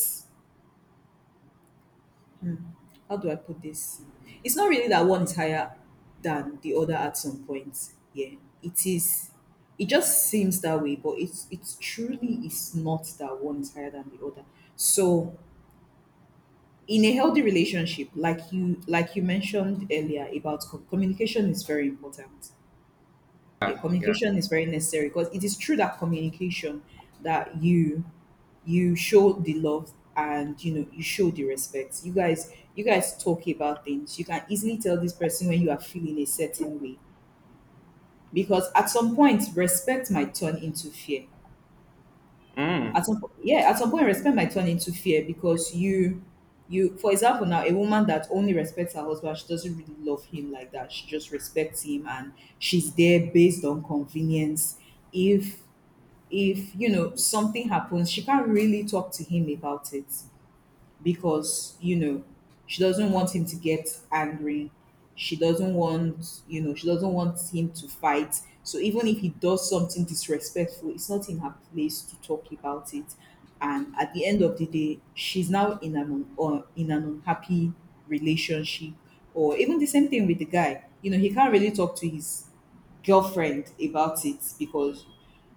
how do I put this? It's not really that one is higher than the other at some point. Yeah, it is. It just seems that way, but it's truly is not that one is higher than the other. So in a healthy relationship, like you, like you mentioned earlier about communication is very important. Yeah, Yeah. communication is very necessary, because it is through that communication that you show the love, and you know, you show the respect. You guys talk about things, you can easily tell this person when you are feeling a certain way, because at some point respect might turn into fear. Yeah, at some point respect might turn into fear, because you for example now, a woman that only respects her husband, she doesn't really love him like that. She just respects him, and she's there based on convenience. If if you know something happens, she can't really talk to him about it, because, you know, she doesn't want him to get angry, she doesn't want, you know, she doesn't want him to fight. So even if he does something disrespectful, it's not in her place to talk about it. And at the end of the day, she's now in an or in an unhappy relationship. Or even the same thing with the guy, you know, he can't really talk to his girlfriend about it, because,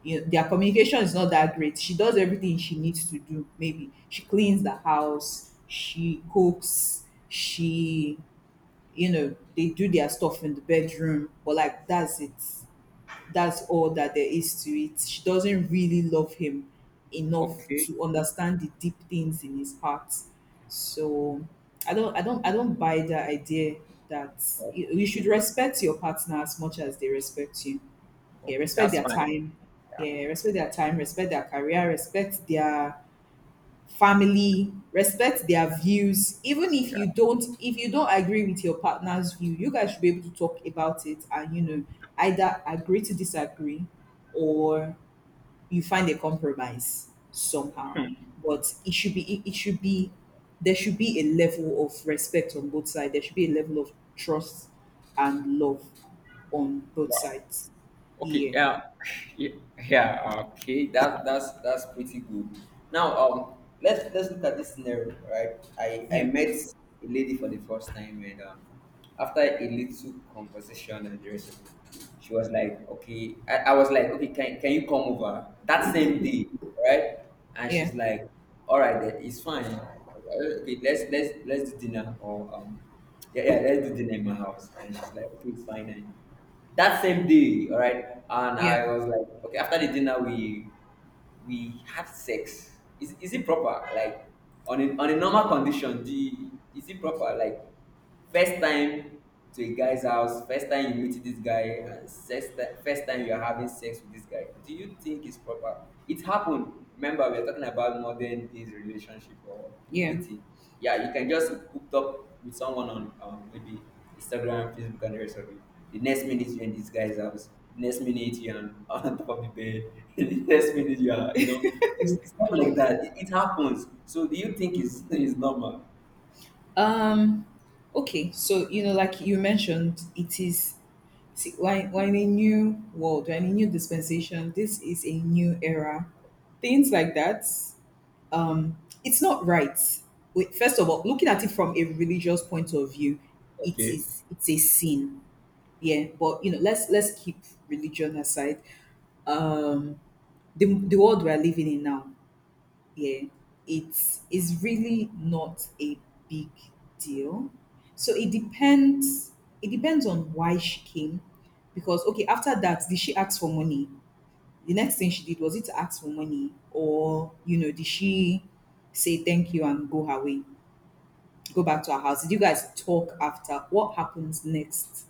you know, their communication is not that great. She does everything she needs to do. Maybe she cleans the house, she cooks, she, you know, they do their stuff in the bedroom, but like that's it. That's all that there is to it. She doesn't really love him enough Okay. to understand the deep things in his heart. So I don't buy the idea that you should Okay. respect your partner as much as they respect you. Yeah, Okay, respect that's their fine. time. Yeah, Yeah, respect their time, respect their career, respect their family, respect their views. Even if you yeah. don't if you don't agree with your partner's view, you guys should be able to talk about it, either agree to disagree or you find a compromise somehow. But it should be it, it should be there should be a level of respect on both sides. There should be a level of trust and love on both Wow. sides. Okay. Yeah. Yeah. Yeah. Yeah, okay. That's pretty good. Now, let's look at this scenario, right? I Yeah. met a lady for the first time, and after a little conversation and the rest of it, she was like, "Okay." I was like, "Okay, can you come over that same day, right?" And Yeah, she's like, "All right, then it's fine. Okay, let's, let's do dinner or." Yeah, yeah, let's do dinner in my house. And she's like, okay, it's fine. And that same day, all right. And yeah, I was like, okay, after the dinner, we had sex. Is it proper? Like, on a normal condition, the is it proper? Like, first time to a guy's house, first time you meet this guy, and first time you're having sex with this guy, do you think it's proper? It happened. Remember, we're talking about modern days relationship or yeah. dating. Yeah, you can just hooked up with someone on maybe Instagram, Facebook, and the rest of it. The next minute you're in this guy's house. The next minute you're on top of the bed. The next minute you are, stuff like that. It happens. So do you think it's normal? um okay, so you know, like you mentioned, it is, see, why in a new world, when a new dispensation, this is a new era, things like that. um it's not right. Wait, first of all, looking at it from a religious point of view, it Okay. is it's a sin. Yeah, but you know, let's keep religion aside. um the world we are living in now, yeah, it's is really not a big deal. So it depends. It depends on why she came, because okay, after that, did she ask for money? The next thing she did, was it to ask for money, or you know, did she say thank you and go her way? Go back to our house? Did you guys talk after? What happens next?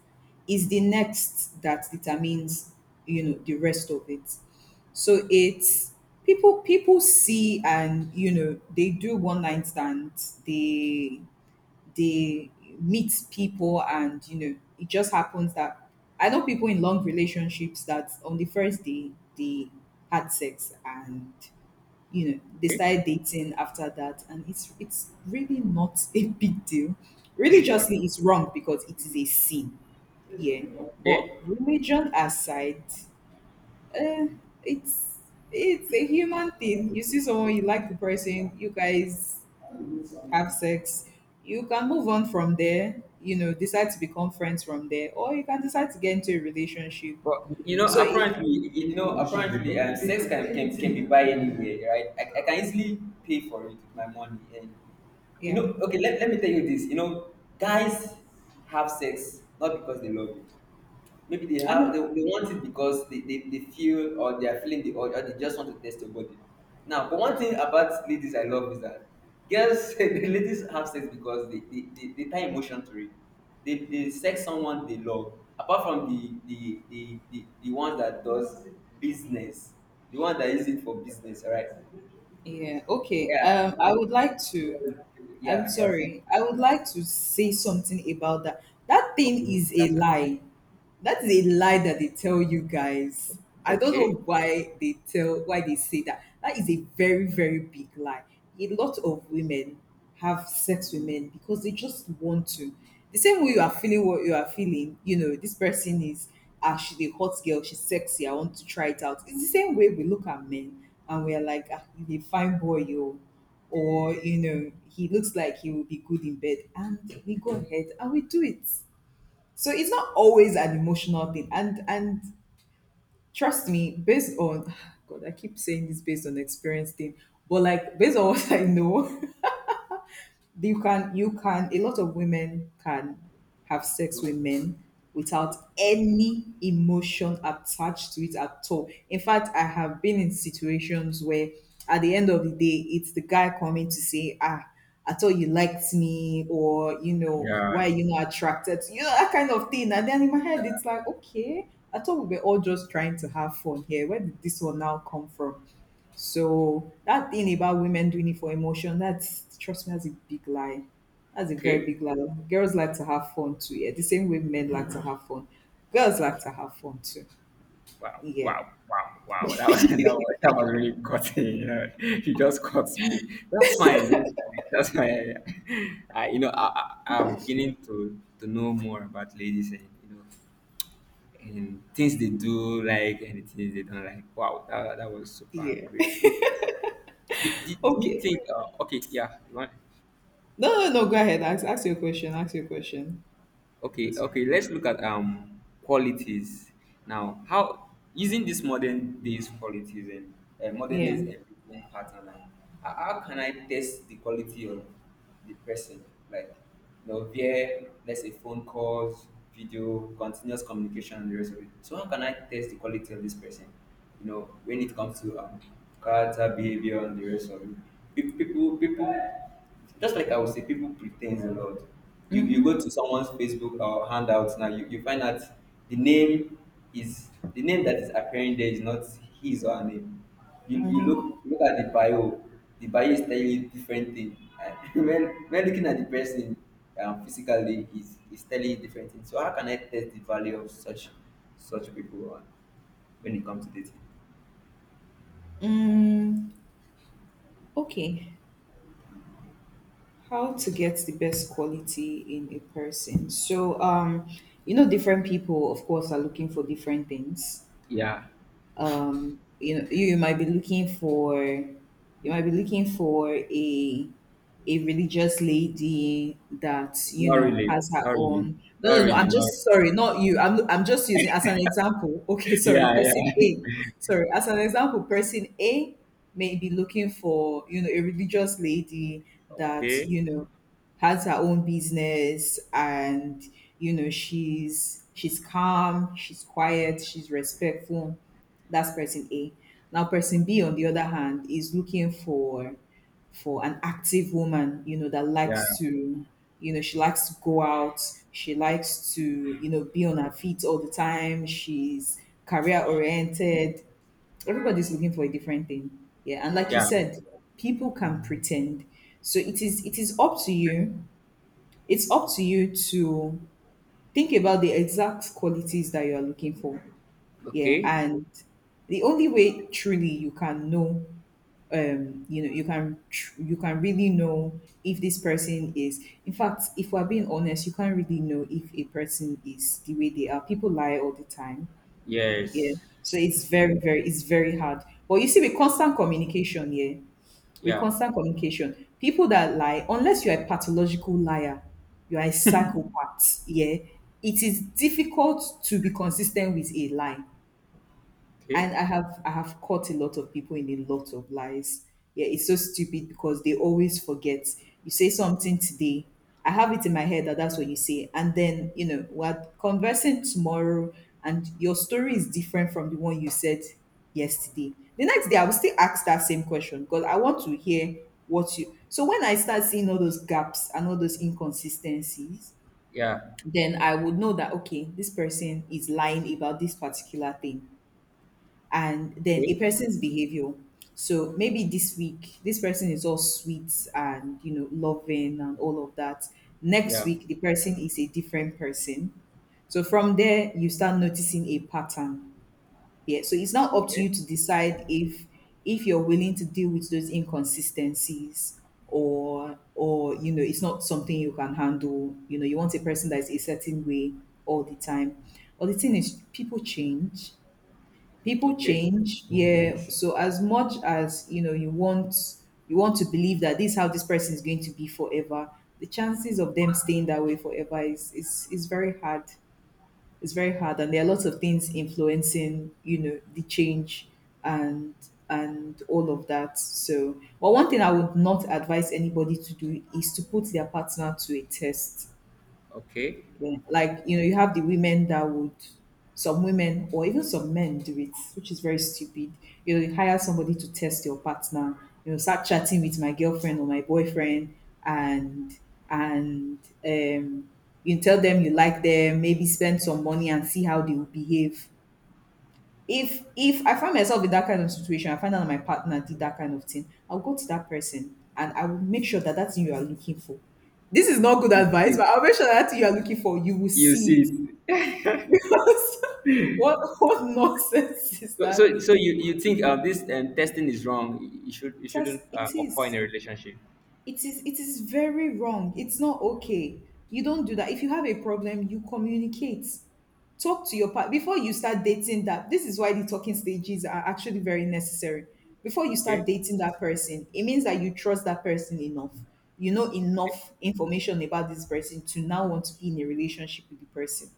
Is the next that determines, you know, the rest of it. So it's, people see and you know, they do one night stands, they meet people and you know, it just happens that I know people in long relationships that on the first day they had sex, and you know, they started dating after that, and it's really not a big deal. Religiously, it's wrong because it is a sin, yeah. But Okay. religion aside, uh, it's it's a human thing. You see someone, you like the person, you guys have sex, you can move on from there, you know, decide to become friends from there, or you can decide to get into a relationship. But you know, so it, apparently, sex can, can be buy anywhere, right? I can easily pay for it with my money, and you yeah, know, okay, let me tell you this. You know, guys have sex not because they love you. Maybe I know. They want it because they feel or they are feeling the urge or they just want to test your body. Now, but one thing about ladies I love is that girls the ladies have sex because they tie emotion to it. They sex someone they love. Apart from the the one that does business, the one that is it for business, all right? Yeah, okay. Yeah. The I one- would like to, I'm Yeah, yeah. See, sorry, I would like to say something about that. That okay, thing is a that's right. lie. That is a lie that they tell you guys. I don't know Okay. why they tell why they say that. That is a very, very big lie. A lot of women have sex with men because they just want to. The same way you are feeling what you are feeling, you know, this person is, ah, she's a hot girl, she's sexy, I want to try it out. It's the same way we look at men and we're like, ah, he's a fine boy, yo. Or, you know, he looks like he will be good in bed. And we go ahead and we do it. So it's not always an emotional thing. And trust me, based on, God, I keep saying this, based on experience thing, but like, based on what I know, you can a lot of women can have sex with men without any emotion attached to it at all. In fact, I have been in situations where at the end of the day it's the guy coming to say, ah, I thought you liked me, or you know, Yeah. why are you not attracted to, you know, that kind of thing. And then in my head it's like, okay, I thought we were all just trying to have fun here. Where did this one now come from? So that thing about women doing it for emotion, that's, trust me, that's a big lie. That's a very Okay. big lie. Girls like to have fun too, yeah. The same way men like to have fun. Girls like to have fun too. Wow, Yeah. wow, wow, wow. That was, that was really cutting. You know, you just cut me. That's fine. That's fine. That's fine. I, you know, I, I'm beginning to know more about ladies and, you know, and things they do like and the things they don't like. Wow, that was super Yeah. great. So, do you okay. think, okay, yeah, you want? No, no, no, go ahead. Ask your question. Ask your question. Okay, Ask your- okay. Let's look at qualities now. How using these modern days qualities and modern days Yeah. employment pattern, like, how can I test the quality of the person? Like, you know, via let's say phone calls, video, continuous communication, and the rest of it. So how can I test the quality of this person? You know, when it comes to character, behavior, and the rest of it. People. Just like I would say, people pretend a lot. You Mm-hmm. go to someone's Facebook or handouts now, you find out the name the name that is appearing there is not his or her name. You look at the bio is telling you different thing. When looking at the person physically, is telling you different thing. So how can I test the value of such such people when it comes to dating? Mm, okay. How to get the best quality in a person. So, you know, different people, of course, are looking for different things. Yeah, You know, you might be looking for, you might be looking for a religious lady that you not know really, has her not really, own, no no no, I'm not really. just, sorry, not you, I'm just using as an example, okay, sorry, Yeah, person yeah. A, sorry, as an example, person A may be looking for, you know, a religious lady that Okay. you know has her own business, and you know, she's calm, she's quiet, she's respectful. That's person A. Now person B on the other hand is looking for an active woman, you know, that Yeah, likes to, you know, she likes to go out, she likes to, you know, be on her feet all the time, she's career oriented. Everybody's looking for a different thing. Yeah. And like you yeah. said, people can pretend. So it is up to you. It's up to you to think about the exact qualities that you are looking for. Yeah. Okay. And the only way truly you can know, you know, you can you can really know if this person is, in fact, if we're being honest, you can't really know if a person is the way they are. People lie all the time. Yeah. Yes. So it's very it's very hard. But you see, with constant communication, yeah, with Yeah. constant communication, people that lie, unless you're a pathological liar, you're a psychopath, yeah, it is difficult to be consistent with a lie. Okay. And I have caught a lot of people in a lot of lies. Yeah, it's so stupid because they always forget. You say something today, I have it in my head that that's what you say, and then you know, we're conversing tomorrow, and your story is different from the one you said yesterday. The next day, I will still ask that same question because I want to hear what you. So when I start seeing all those gaps and all those inconsistencies, Yeah. then I would know that okay, this person is lying about this particular thing. And then a Okay. person's behavior. So maybe this week, this person is all sweet and you know, loving and all of that. Next Yeah. week, the person is a different person. So from there, you start noticing a pattern. Yeah. So it's now up to Okay. you to decide if you're willing to deal with those inconsistencies, or you know, it's not something you can handle. You know, you want a person that is a certain way all the time. But the thing is, people change, Okay. Yeah. So as much as you know, you want to believe that this is how this person is going to be forever, the chances of them staying that way forever is very hard. It's very hard, and there are lots of things influencing, you know, the change, and and all of that. So but one thing I would not advise anybody to do is to put their partner to a test, Okay. yeah. Like, you know, you have the women that would, some women or even some men do it, which is very stupid. You know, you hire somebody to test your partner, you know, start chatting with my girlfriend or my boyfriend, and, and, um, you tell them you like them, maybe spend some money and see how they will behave. If I find myself in that kind of situation, I find out that my partner did that kind of thing, I'll go to that person and I will make sure that that thing you are looking for, this is not good You advice, see. but I'll make sure that, that thing you are looking for, you will You see it. see. because what nonsense is So, that? So you think this testing is wrong? You should you Just shouldn't it occur in is a relationship. It is, it is very wrong. It's not okay. You don't do that. If you have a problem, you communicate. Talk to your partner. Before you start dating, that, this is why the talking stages are actually very necessary. Before you start Okay. dating that person, it means that you trust that person enough, you know Okay. enough information about this person to now want to be in a relationship with the person.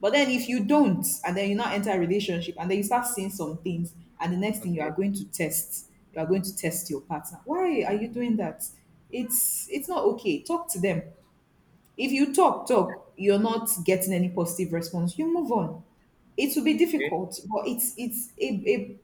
But then if you don't, and then you now enter a relationship, and then you start seeing some things, and the next thing, you are Okay. going to test, you are going to test your partner. Why are you doing that? It's not okay. Talk to them. If you talk, you're not getting any positive response, you move on. It will be Okay. difficult, but it's a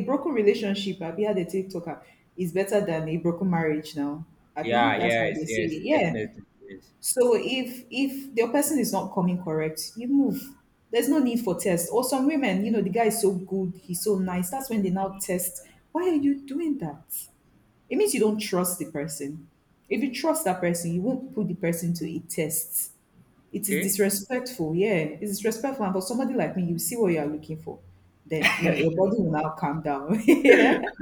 a broken relationship, Abi had a TikToker, is better than a broken marriage now. Abi, Yeah. that's how Yes. they say Yes. it. Yeah. Definitely. Yes. So if the person is not coming correct, you move. There's no need for test. Or some women, you know, the guy is so good, he's so nice. That's when they now test. Why are you doing that? It means you don't trust the person. If you trust that person, you won't put the person to a test. It is Okay. disrespectful, yeah. It's disrespectful. And for somebody like me, you see what you are looking for. Then you know your body will now calm down. Yeah,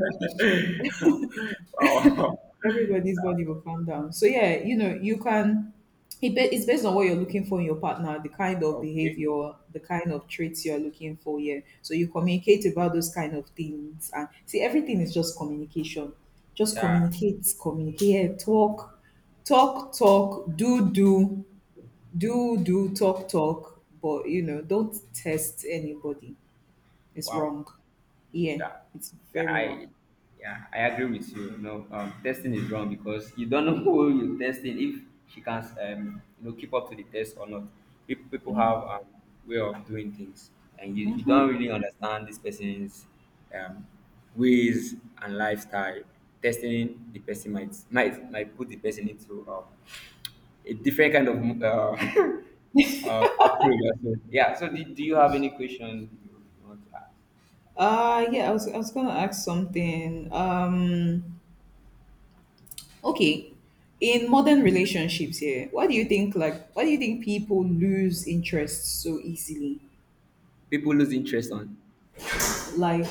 everybody's body will calm down. So yeah, you know, you can. It's based on what you're looking for in your partner, the kind of Okay. behavior, the kind of traits you're looking for. Yeah, so you communicate about those kind of things, and see, everything is just communication. Just Yeah. communicate, communicate, talk, talk, talk, do, do, do, do, talk, talk. But don't test anybody. It's Wow. wrong. Yeah, Yeah, it's yeah, very I, wrong. yeah, I agree with you. You know, testing is wrong because you don't know who you're testing if she can, you know, keep up to the test or not. People have way of doing things, and you don't really understand this person's um, ways and lifestyle. Testing the person might put the person into a different kind of approach. Also. Yeah. So, do you have any question you want to ask? Yeah, I was gonna ask something. Okay. In modern relationships here, why do you think why do you think people lose interest so easily? People lose interest on. Like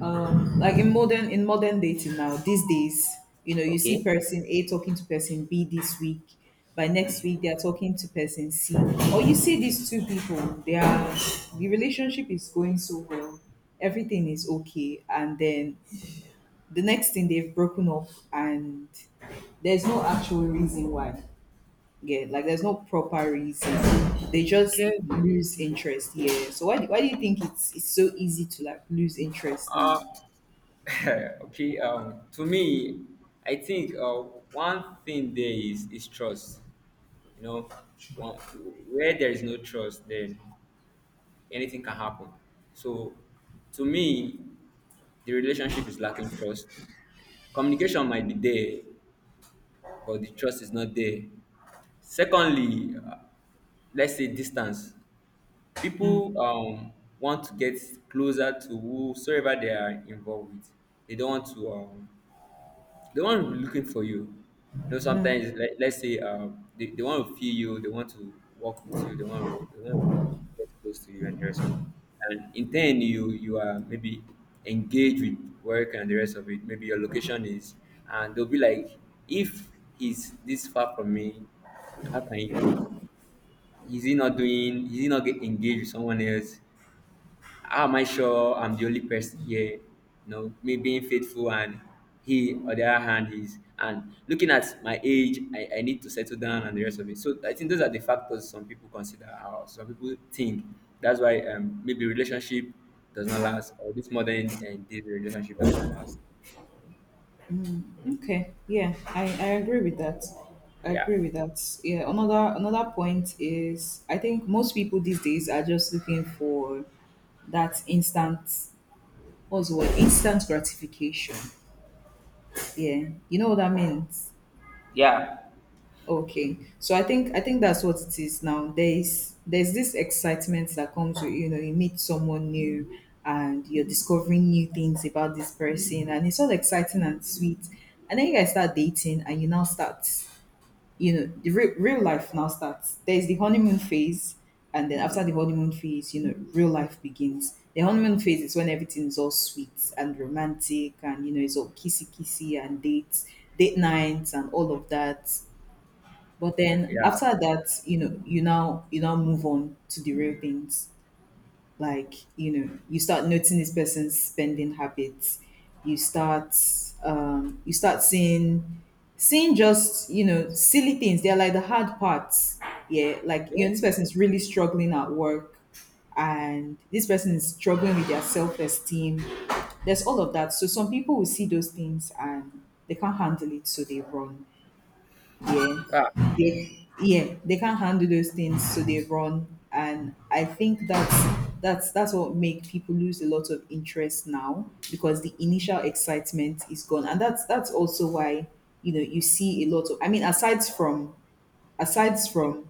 like in modern dating now, these days, you know, you see person A talking to person B this week. By next week they are talking to person C. Or you see these two people, they are the relationship is going so well, everything is okay, and then the next thing they've broken up and there's no actual reason why. Yeah, like there's no proper reason, they just lose interest. Yeah, so why do you think it's so easy to like lose interest now? Okay, to me I think one thing there is trust, you know, one, where there is no trust then anything can happen. So to me the relationship is lacking trust. Communication might be there but the trust is not there. Secondly, let's say distance. People want to get closer to whosoever they are involved with. They don't want to they want to be looking for you. You know, sometimes let's say they want to feel you, they want to work with you, they want to get close to you and the rest of it. And in turn, you are maybe engaged with work and the rest of it. Maybe your location is, and they'll be like, if he's this far from me, how can he cope? Is he not doing? Is he not get engaged with someone else? How am I sure I'm the only person here? You know, me being faithful and he on the other hand is and looking at my age, I need to settle down and the rest of it. So I think those are the factors some people consider or some people think. That's why maybe relationship does not last or this modern and this relationship does not last. Okay, yeah, I agree with that. I Yeah. agree with that. Yeah, another point is I think most people these days are just looking for that instant, what's the word, instant gratification. Yeah, you know what that means. Yeah. Okay. So I think that's what it is now. There's this excitement that comes with, you know, you meet someone new and you're discovering new things about this person and it's all exciting and sweet. And then you guys start dating and you now start, you know, the real life now starts. There's the honeymoon phase, and then after the honeymoon phase, you know, real life begins. The honeymoon phase is when everything is all sweet and romantic and you know it's all kissy kissy and dates, date nights and all of that. But then Yeah. after that, you know, you now move on to the real things. Like, you know, you start noticing this person's spending habits. You start you start seeing just, you know, silly things. They're like the hard parts. Yeah. Like, you know, Okay. this person's really struggling at work and this person is struggling with their self-esteem. There's all of that. So some people will see those things and they can't handle it, so they run. Yeah, Ah, yeah, they can't handle those things so they run, and I think that's what makes people lose a lot of interest now, because the initial excitement is gone. And that's also why, you know, you see a lot of, I mean, aside from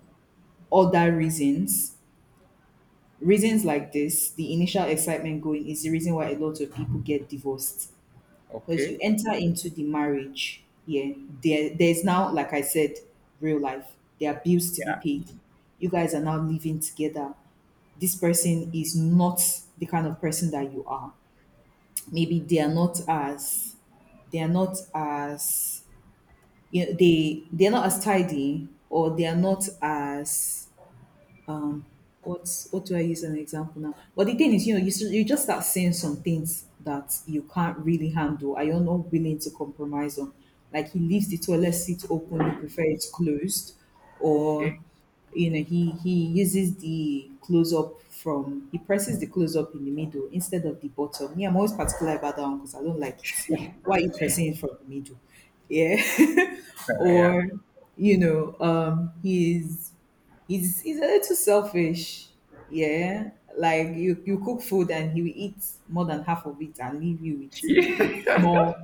other reasons, reasons like this, the initial excitement going is the reason why a lot of people get divorced. Because you okay. enter into the marriage, yeah, there's now, like I said, real life. There are bills to be Yeah. paid. You guys are now living together. This person is not the kind of person that you are. Maybe they are not as you know, they they're not as tidy, or they are not as, what do I use as an example now? But the thing is, you know, you just start saying some things that you can't really handle. Are you not willing to compromise on? Like he leaves the toilet seat open, you prefer it's closed, or Okay. you know he uses the close up from, he presses the close up in the middle instead of the bottom. Me, I'm always particular about that one because I don't like it. Why are you pressing it from the middle? Yeah, yeah. or you know he's a little selfish. Yeah, like you cook food and he will eat more than half of it and leave you with with so small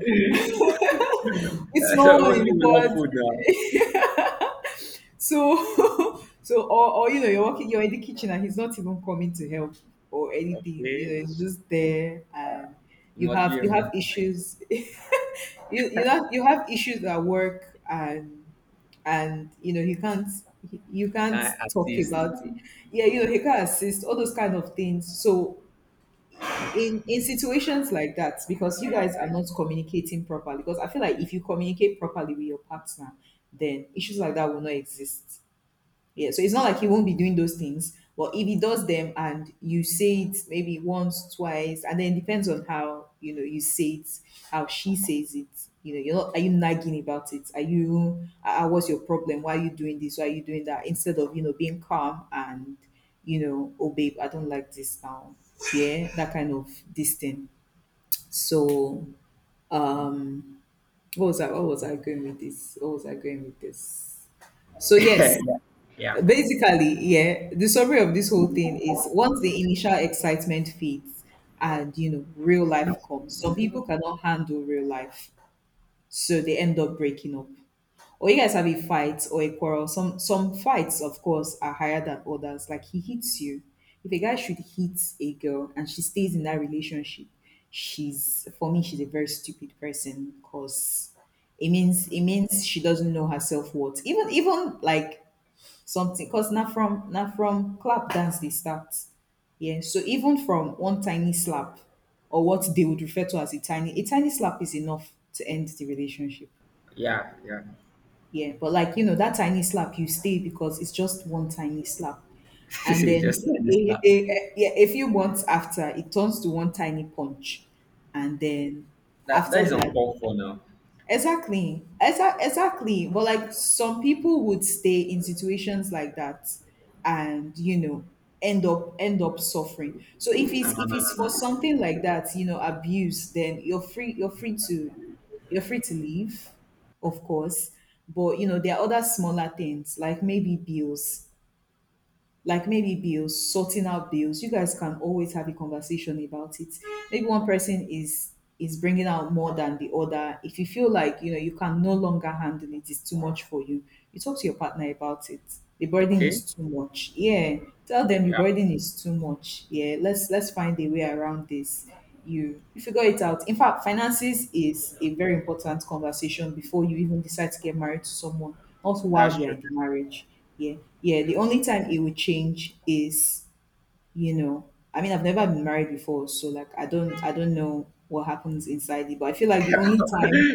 with small one in mostly the we love pot. food now. So, so, or you know, you're working, you're in the kitchen, and he's not even coming to help or anything. You know, Okay. he's just there, and You must be a you romantic have person. issues. You have issues at work, and you know you can't Can't talk assist. about it. Yeah, you know he can't assist all those kind of things. So in situations like that, because you guys are not communicating properly, because I feel like if you communicate properly with your partner, then issues like that will not exist. Yeah, so it's not like he won't be doing those things, but if he does them and you say it maybe once, twice, and then it depends on how you know you say it, how she says it. You know, you're not. Are you nagging about it? Are you? What's your problem? Why are you doing this? Why are you doing that? Instead of, you know, being calm and, you know, oh babe, I don't like this now. Yeah, that kind of this thing. So um, What was I going with this? So yes, Yeah, basically, yeah, the summary of this whole thing is once the initial excitement fades and you know real life comes, some people cannot handle real life, so they end up breaking up. Or you guys have a fight or a quarrel. Some fights, of course, are higher than others. Like he hits you. If a guy should hit a girl and she stays in that relationship, she's a very stupid person because it means she doesn't know her self worth. Even like something, because na from clap dance they start. Yeah, so even from one tiny slap, or what they would refer to as a tiny, a tiny slap is enough to end the relationship. yeah, yeah. Yeah, but like you know that tiny slap you stay because it's just one tiny slap. And He then just like this now. Yeah, a few months after, it turns to one tiny punch. And then That that after is that, uncalled for now. exactly. Exactly. But like some people would stay in situations like that and you know end up suffering. So if No, it's no, if no, it's no, for no. something like that, you know, abuse, then you're free to leave, of course. But you know, there are other smaller things like maybe bills, sorting out bills, you guys can always have a conversation about it. Maybe one person is bringing out more than the other. If you feel like you know you can no longer handle it, it's too much for you. You talk to your partner about it. The burden Okay. is too much. Yeah, tell them the Yeah, burden is too much. Yeah, let's find a way around this. You figure it out. In fact, finances is a very important conversation before you even decide to get married to someone. Not that's while you are true. in the marriage, yeah. Yeah. The only time it would change is, you know, I mean, I've never been married before, so like I don't know what happens inside it, but I feel like the only time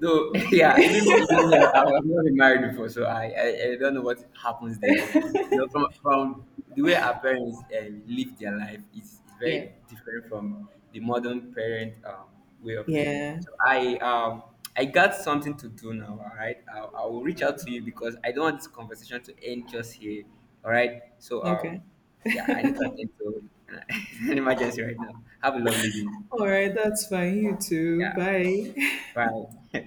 So the, yeah, even even me, I've never been married before, so I don't know what happens there. But you know, from the way our parents live their life is yeah. very different from the modern parent way of living. Yeah. So I got something to do now. All right, I will reach out to you because I don't want this conversation to end just here. All right, so Okay. yeah, I need to attend to an emergency right now. Have a lovely day. All right, that's fine. You too. Yeah, Bye. bye.